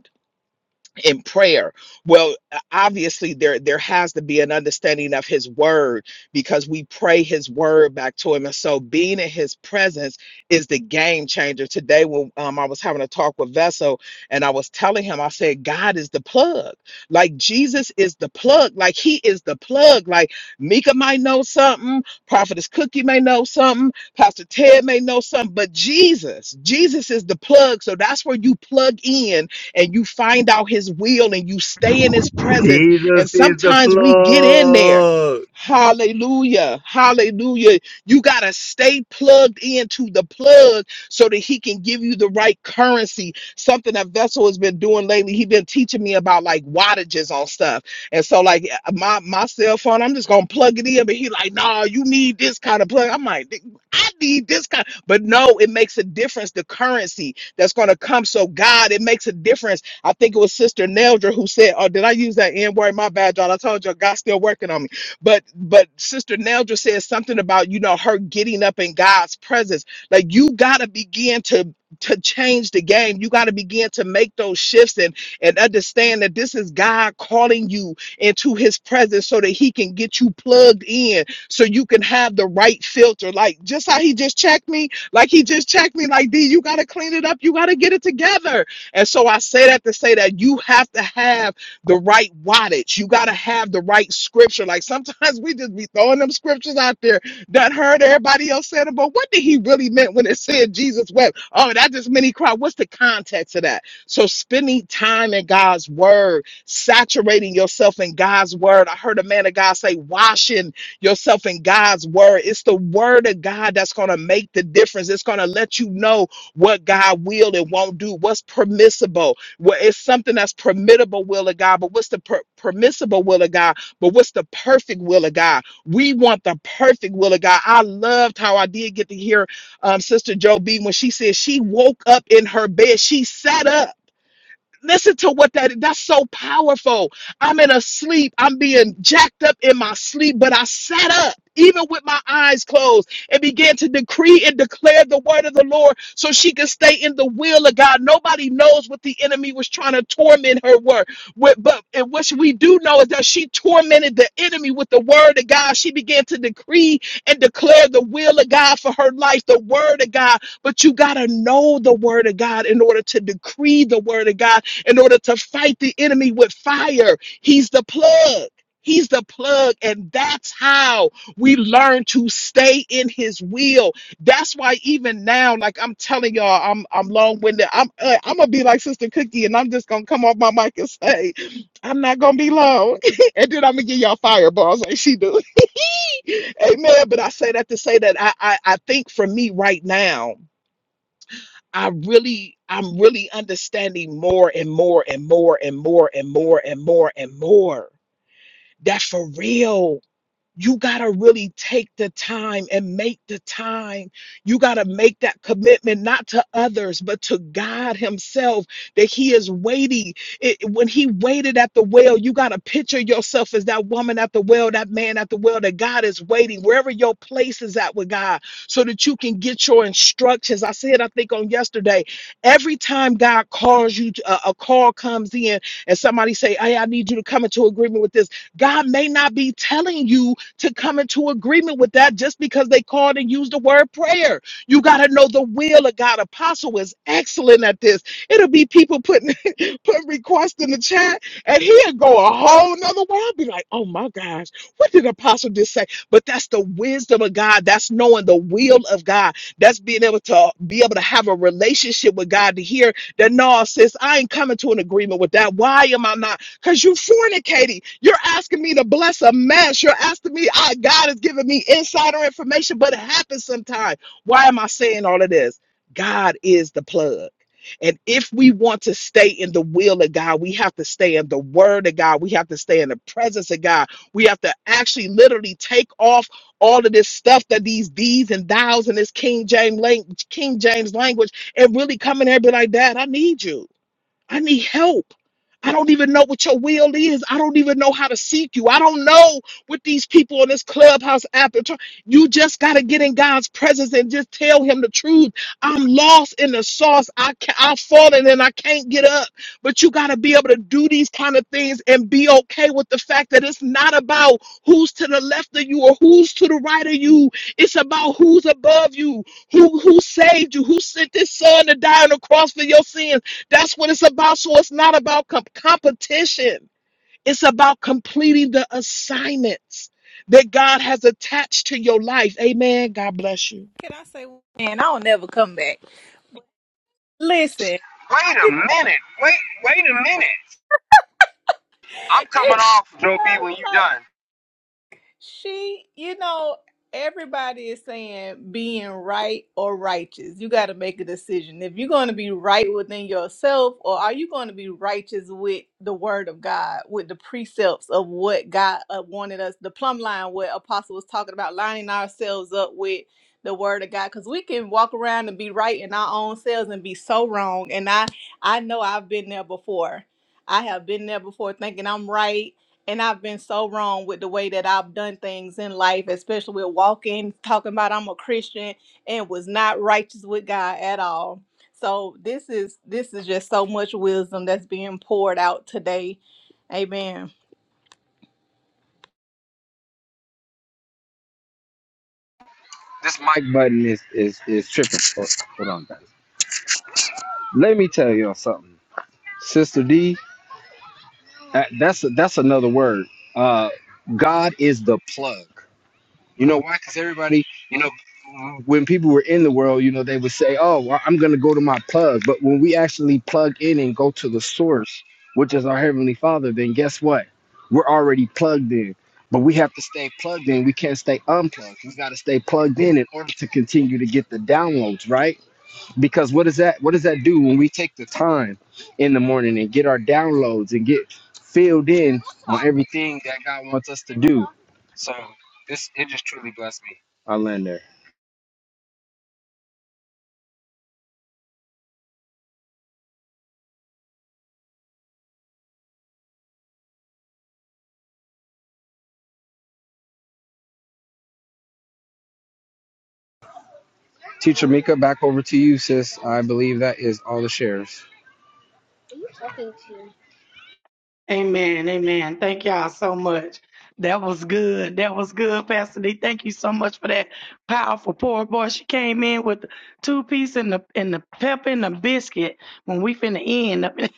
S11: in prayer well uh, obviously there there has to be an understanding of his word because we pray his word back to him and so being in his presence is the game changer today when um, i was having a talk with vessel and i was telling him i said god is the plug like jesus is the plug like he is the plug like mika might know something prophetess cookie may know something pastor ted may know something but jesus jesus is the plug so that's where you plug in and you find out his will and you stay in his presence.
S3: Jesus
S11: And
S3: is the
S11: sometimes we get in there.
S3: plug.
S11: Hallelujah. Hallelujah. You got to stay plugged into the plug so that he can give you the right currency. Something that Vessel has been doing lately. He's been teaching me about like wattages on stuff. And so like my my cell phone, I'm just going to plug it in but he like, "No, nah, you need this kind of plug." I'm like, "I need this kind." But no, it makes a difference the currency that's going to come. So, God, it makes a difference. I think it was Sister Neldra who said, Oh, did I use that N word? My bad, y'all. I told you, God's still working on me. But, but Sister Neldra said something about, you know, her getting up in God's presence. Like, you got to begin to. To change the game, you got to begin to make those shifts and and understand that this is God calling you into His presence so that He can get you plugged in, so you can have the right filter. Like just how He just checked me, like he just checked me, like, D, you got to clean it up. You got to get it together. And so I say that to say that you have to have the right wattage. You got to have the right scripture. Like sometimes we just be throwing them scriptures out there that heard everybody else said it. But what did he really meant when it said Jesus wept? Oh, that just many cry. What's the context of that? So spending time in God's word, saturating yourself in God's word. I heard a man of God say, washing yourself in God's word. It's the word of God that's going to make the difference. It's going to let you know what God will and won't do, what's permissible. Well, it's something that's permittable will of God, but what's the per- permissible will of God? But what's the perfect will of God? We want the perfect will of God. I loved how I did get to hear um, Sister Joe B when she said she woke up in her bed. She sat up Listen to what that that's so powerful. I'm in a sleep. I'm being jacked up in my sleep, but I sat up even with my eyes closed and began to decree and declare the word of the Lord so she could stay in the will of God. Nobody knows what the enemy was trying to torment her word with, but and what we do know is that she tormented the enemy with the word of God. She began to decree and declare the will of God for her life, the word of God. But you got to know the word of God in order to decree the word of God in order to fight the enemy with fire. He's the plug. He's the plug, and that's how we learn to stay in his will. That's why even now, like I'm telling y'all, I'm I'm long-winded. I'm uh, I'm gonna be like Sister Cookie, and I'm just gonna come off my mic and say, I'm not gonna be long, and then I'm gonna give y'all fireballs like she do. Amen. But I say that to say that I I, I think for me right now. I really, I'm really understanding more and more and more and more and more and more and more that for real you got to really take the time and make the time. You got to make that commitment, not to others, but to God Himself, that He is waiting. It, when He waited at the well, you got to picture yourself as that woman at the well, that man at the well, that God is waiting wherever your place is at with God so that you can get your instructions. I said, I think on yesterday, every time God calls you, to- a, a call comes in and somebody say, Hey, I need you to come into agreement with this. God may not be telling you to come into agreement with that just because they called and used the word prayer. You got to know the will of God. Apostle is excellent at this. It'll be people putting putting requests in the chat, and he'll go a whole nother way. I'll be like, oh my gosh, what did Apostle just say? But that's the wisdom of God. That's knowing the will of God. That's being able to be able to have a relationship with God to hear that no, sis, I ain't coming to an agreement with that. Why am I not? because you fornicating. You're asking me to bless a mess. You're asking me, I, God is giving me insider information, but it happens sometimes. Why am I saying all of this? God is the plug. And if we want to stay in the will of God, we have to stay in the word of God. We have to stay in the presence of God. We have to actually literally take off all of this stuff that these these and thous and this King James language, King James language, and really come in there and be like, Dad, I need you. I need help. I don't even know what your will is. I don't even know how to seek you. I don't know what these people on this clubhouse app are trying. You just got to get in God's presence and just tell him the truth. I'm lost in the sauce. I can, I've fallen and I can't get up. But you got to be able to do these kind of things and be okay with the fact that it's not about who's to the left of you or who's to the right of you. It's about who's above you, who who saved you, who sent this son to die on the cross for your sins that's what it's about. So it's not about com- competition. It's about completing the assignments that God has attached to your life. Amen. God bless you.
S4: can i say man? i'll never come back listen
S2: Wait a minute. Wait, wait a minute. I'm coming
S4: it's
S2: off, Joe B, when you done.
S4: She, you know, everybody is saying being right or righteous. You got to make a decision. If you're going to be right within yourself, or are you going to be righteous with the word of God, with the precepts of what God uh, wanted us, the plumb line, what Apostle was talking about, lining ourselves up with the word of God because we can walk around and be right in our own selves and be so wrong and I I know I've been there before I have been there before thinking I'm right and I've been so wrong with the way that I've done things in life, especially with walking, talking about I'm a Christian and was not righteous with God at all. So this is this is just so much wisdom that's being poured out today. Amen.
S2: This mic button is, is, is tripping. Hold hold on, guys. Let me tell y'all something. Sister D, that- that's, that's another word. Uh, God is the plug. You know why? Because everybody, you know, when people were in the world, you know, they would say, "Oh, well, I'm going to go to my plug." But when we actually plug in and go to the source, which is our heavenly Father, then guess what? We're already plugged in. But we have to stay plugged in. We can't stay unplugged. We got to stay plugged in in order to continue to get the downloads, right? Because what does that what does that do when we take the time in the morning and get our downloads and get filled in on everything that God wants us to do? So this it just truly blessed me. I land there. Teacher Mika, back over to you, sis. I believe that is all the shares.
S1: Amen. Amen. Thank y'all so much. That was good. That was good, Pastor D. Thank you so much for that powerful pour. boy. She came in with the two piece and the and the pepper and the biscuit when we finna end.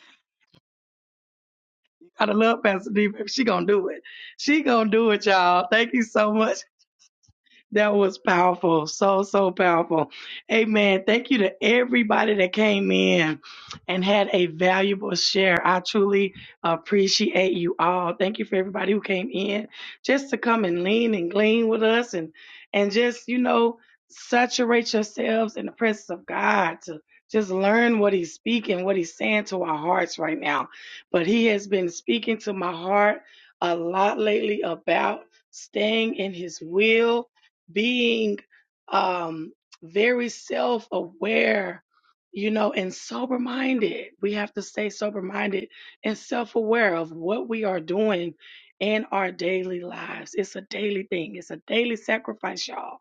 S1: I love Pastor D. She gonna do it. She gonna do it, y'all. Thank you so much. That was powerful. So, so powerful. Amen. Thank you to everybody that came in and had a valuable share. I truly appreciate you all. Thank you for everybody who came in just to come and lean and glean with us and, and just, you know, saturate yourselves in the presence of God to just learn what he's speaking, what he's saying to our hearts right now. But he has been speaking to my heart a lot lately about staying in his will being um, very self aware, you know, and sober minded. We have to stay sober minded and self aware of what we are doing in our daily lives. It's a daily thing, it's a daily sacrifice, y'all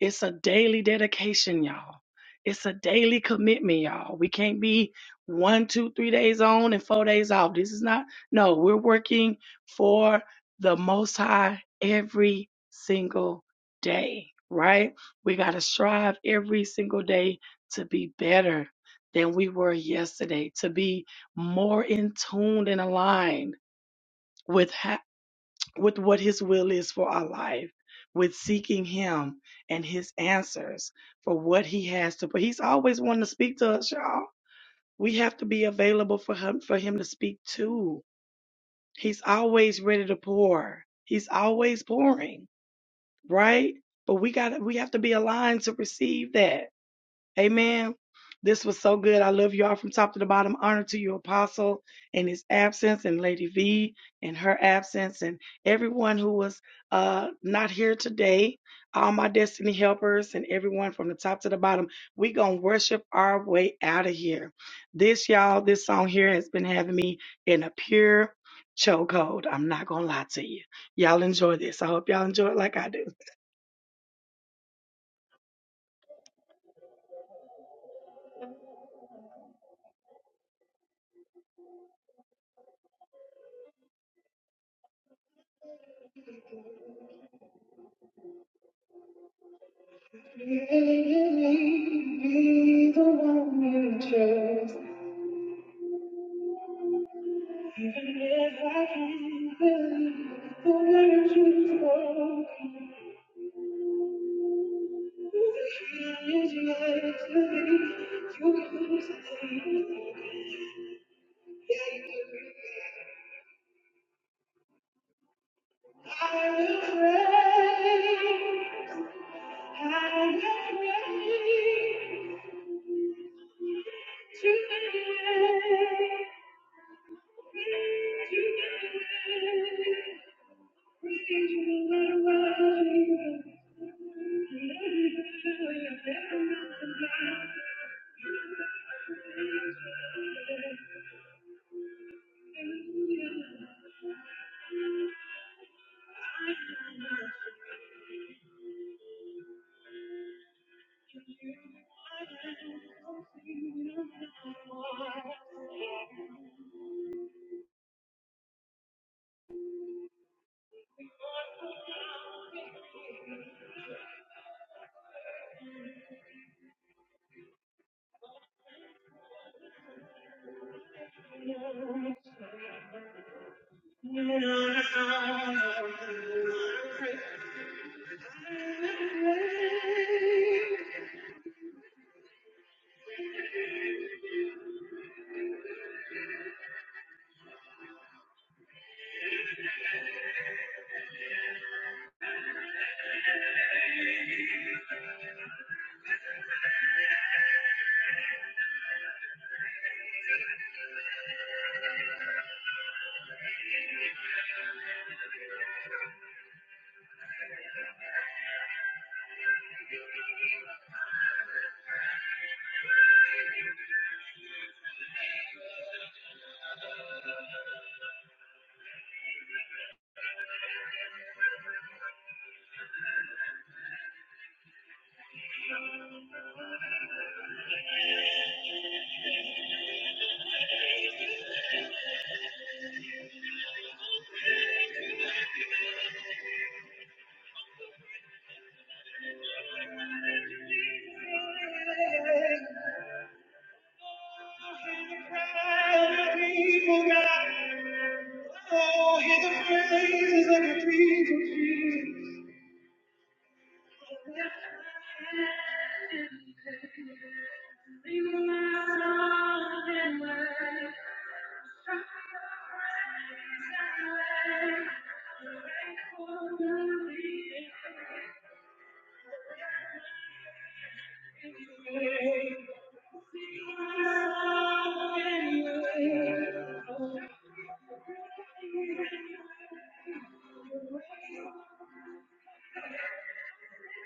S1: it's a daily dedication, y'all. It's a daily commitment, y'all. We can't be one, two, three days on and four days off. This is not, no, we're working for the Most High every single day, right? We got to strive every single day to be better than we were yesterday, to be more in tune and aligned with ho- with what his will is for our life, with seeking him and his answers for what he has to. But he's always wanting to speak to us, y'all. We have to be available for him for him to speak to. He's always ready to pour. He's always pouring, right? But we got to we have to be aligned to receive that. Amen. This was so good. I love you all from top to the bottom. Honor to your Apostle, in his absence, and Lady V in her absence, and everyone who was uh, not here today. All my destiny helpers and everyone from the top to the bottom. We gonna worship our way out of here. This y'all, this song here has been having me in a pure chokehold. I'm not gonna lie to you. Y'all enjoy this. I hope y'all enjoy it like I do. Even if I can't believe the words you've spoken, the hand you held to me, you used to me. Yeah, you do. everything. I will pray. I will pray to the end. To the end. Thank you. Oh, hear the praises of your people, Jesus. Thank you.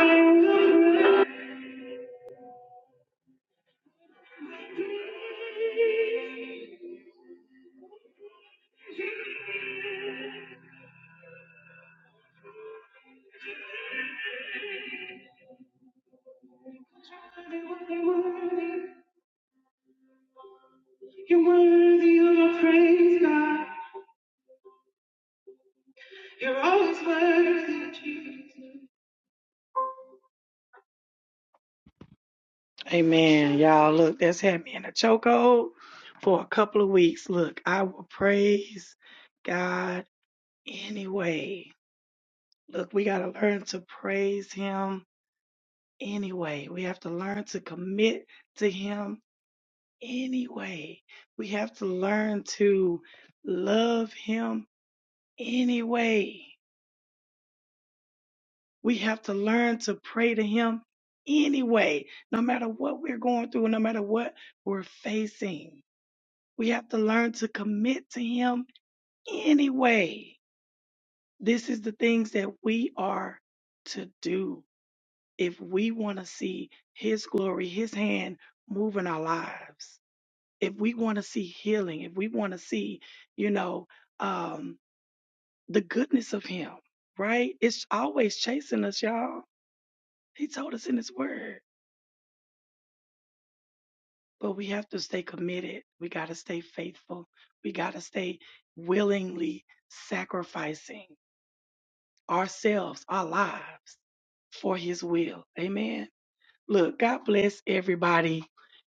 S1: I will praise. You're worthy. You're worthy of your praise, God. You're always worthy. Amen. Y'all, look, that's had me in a chokehold for a couple of weeks. Look, I will praise God anyway. Look, we got to learn to praise Him anyway. We have to learn to commit to Him anyway. We have to learn to love Him anyway. We have to learn to pray to Him anyway, no matter what we're going through, no matter what we're facing. We have to learn to commit to Him anyway. This is the things that we are to do if we want to see His glory, His hand move in our lives. If we want to see healing, if we want to see, you know, um, the goodness of Him, right? It's always chasing us, y'all. He told us in His Word But we have to stay committed. We got to stay faithful. We got to stay willingly sacrificing ourselves, our lives for His will. Amen. Look, God bless everybody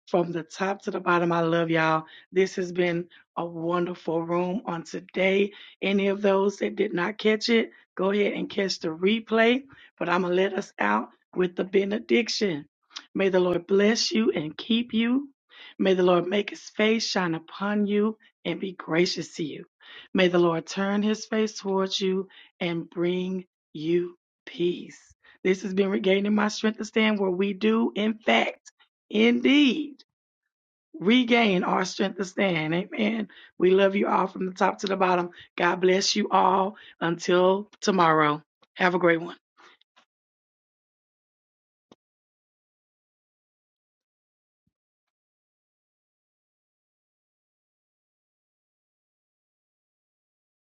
S1: from the top to the bottom. I love y'all. This has been a wonderful room on today. Any of those that did not catch it, go ahead and catch the replay. But I'm going to let us out with the benediction. May the Lord bless you and keep you. May the Lord make his face shine upon you and be gracious to you. May the Lord turn his face towards you and bring you peace. This has been regaining my strength to stand where we do, in fact, indeed, regain our strength to stand. Amen. We love you all from the top to the bottom. God bless you all. Until tomorrow, have a great one.